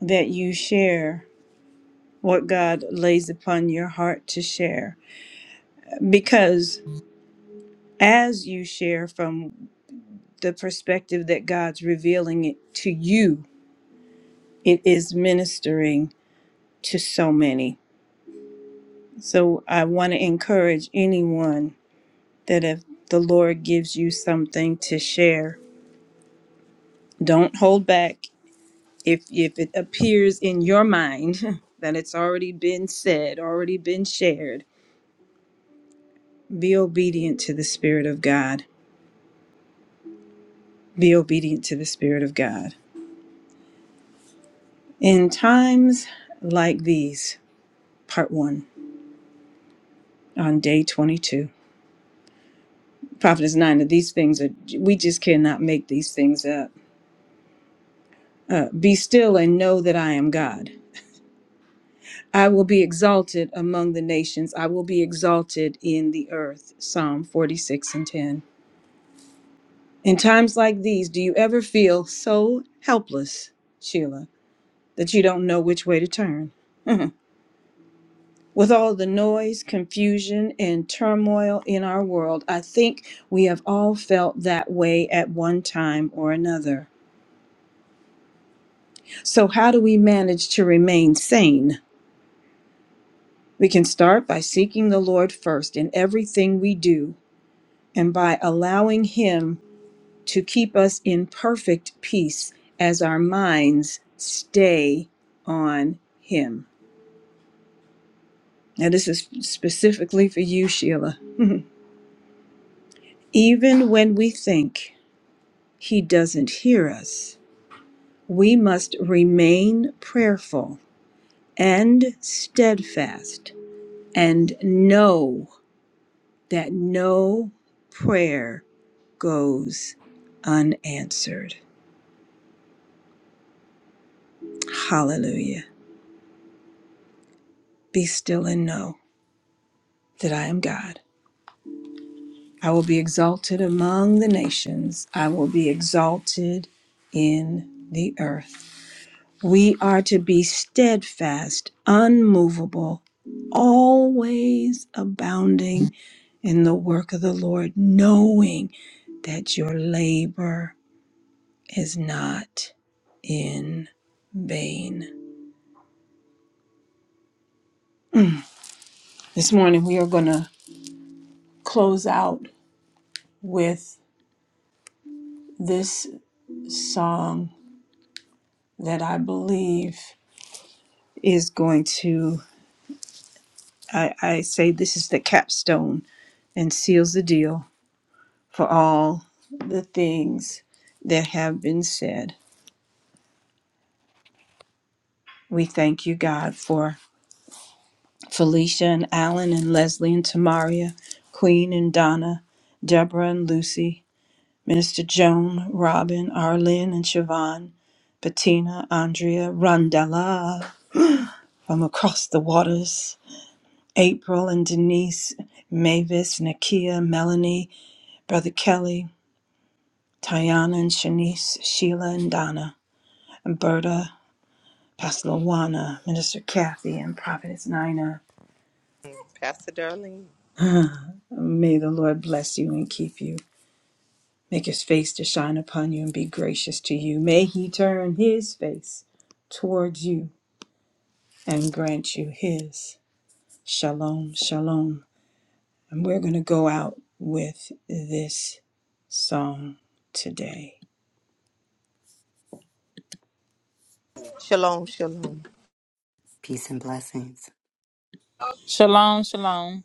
[SPEAKER 1] that you share what God lays upon your heart to share. Because as you share from the perspective that God's revealing it to you, it is ministering to so many. So I want to encourage anyone that if the Lord gives you something to share, don't hold back. If if it appears in your mind *laughs* that it's already been said, already been shared, be obedient to the spirit of God. Be obedient to the spirit of God. In times like these, part 1 on day 22. Prophet is 9 that these things are we just cannot make these things up Uh, be still and know that I am God. I will be exalted among the nations. I will be exalted in the earth. Psalm 46 and 10. In times like these, do you ever feel so helpless, Sheila, that you don't know which way to turn? *laughs* With all the noise, confusion, and turmoil in our world, I think we have all felt that way at one time or another. So, how do we manage to remain sane? We can start by seeking the Lord first in everything we do and by allowing Him to keep us in perfect peace as our minds stay on Him. Now, this is specifically for you, Sheila. *laughs* Even when we think He doesn't hear us, we must remain prayerful and steadfast and know. that no prayer goes unanswered. Hallelujah. Be still and know that I am God. I will be exalted among the nations, I will be exalted in the earth. We are to be steadfast, unmovable, always abounding in the work of the Lord, knowing that your labor is not in vain. This morning, we are going to close out with this song that I believe is going to, I, I say, this is the capstone and seals the deal for all the things that have been said. We thank you, God, for Felicia and Alan and Leslie and Tamaria, Queen and Donna, Deborah and Lucy. Minister Joan, Robin, Arlene, and Siobhan, Bettina, Andrea, Rondella from across the waters, April and Denise, Mavis, Nakia, Melanie, Brother Kelly, Tiana and Shanice, Sheila and Donna, Berta, Pastor Luana, Minister Kathy, and Prophetess Nina. May the Lord bless you and keep you. Make his face to shine upon you and be gracious to you. May he turn his face towards you and grant you his. Shalom, shalom. And we're going to go out with this song today.
[SPEAKER 2] Peace and blessings.
[SPEAKER 3] Shalom, shalom.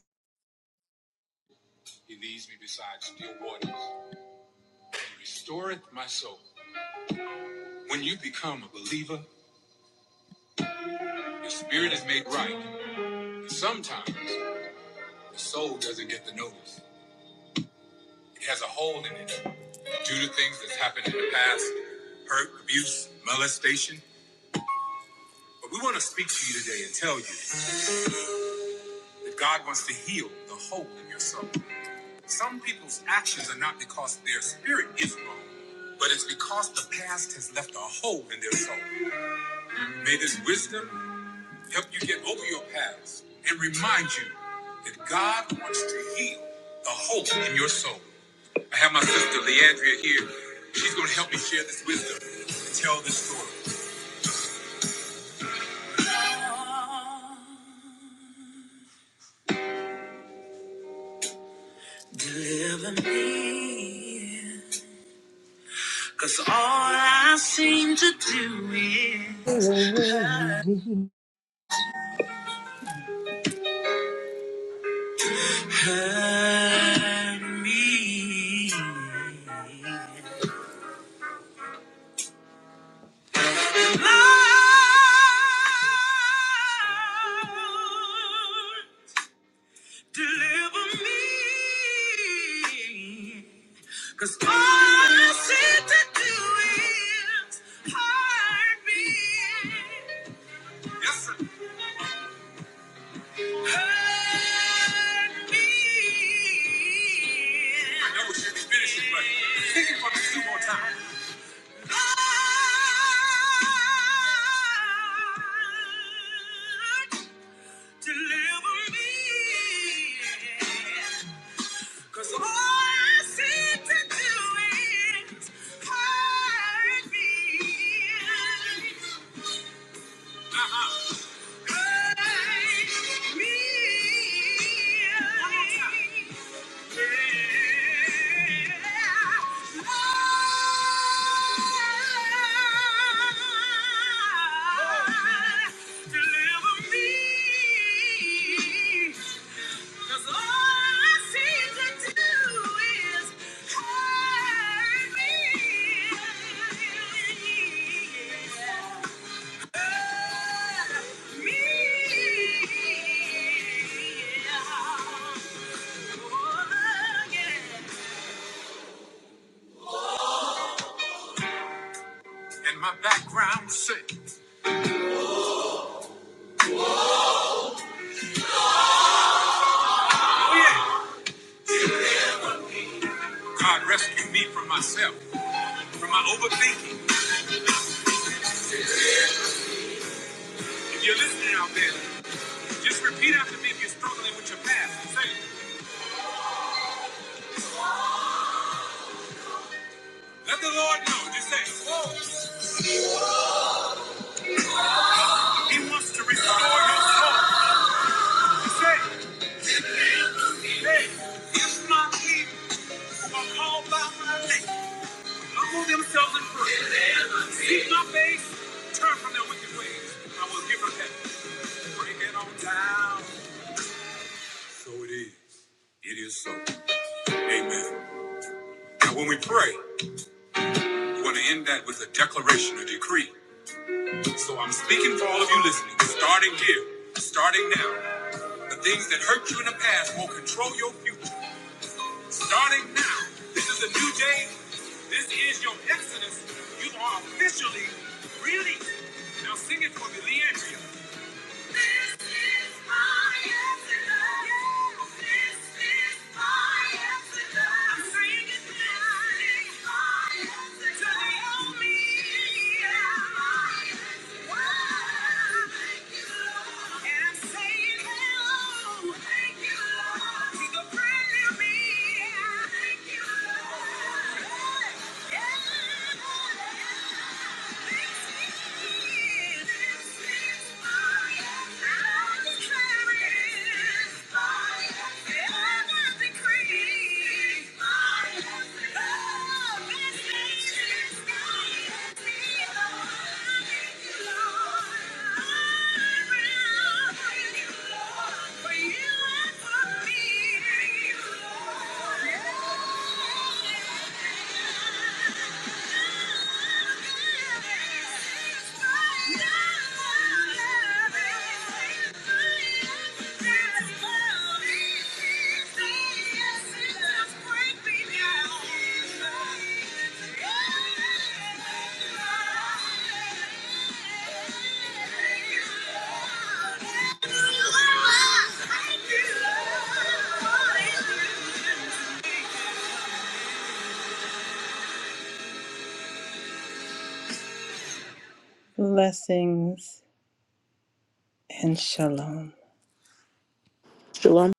[SPEAKER 1] Deliver me. All I seem to do is
[SPEAKER 6] Burn
[SPEAKER 1] hurt
[SPEAKER 6] me.
[SPEAKER 1] hurt me. Lord, Deliver me. Cause all I seem to do is hurt me. Hurt me. Lord, deliver me. Cause all I seem to do is hurt me. Uh-huh. Hurt me. Yeah. If my people all by my Thank you. Yeah. Blessings and shalom.
[SPEAKER 10] Shalom.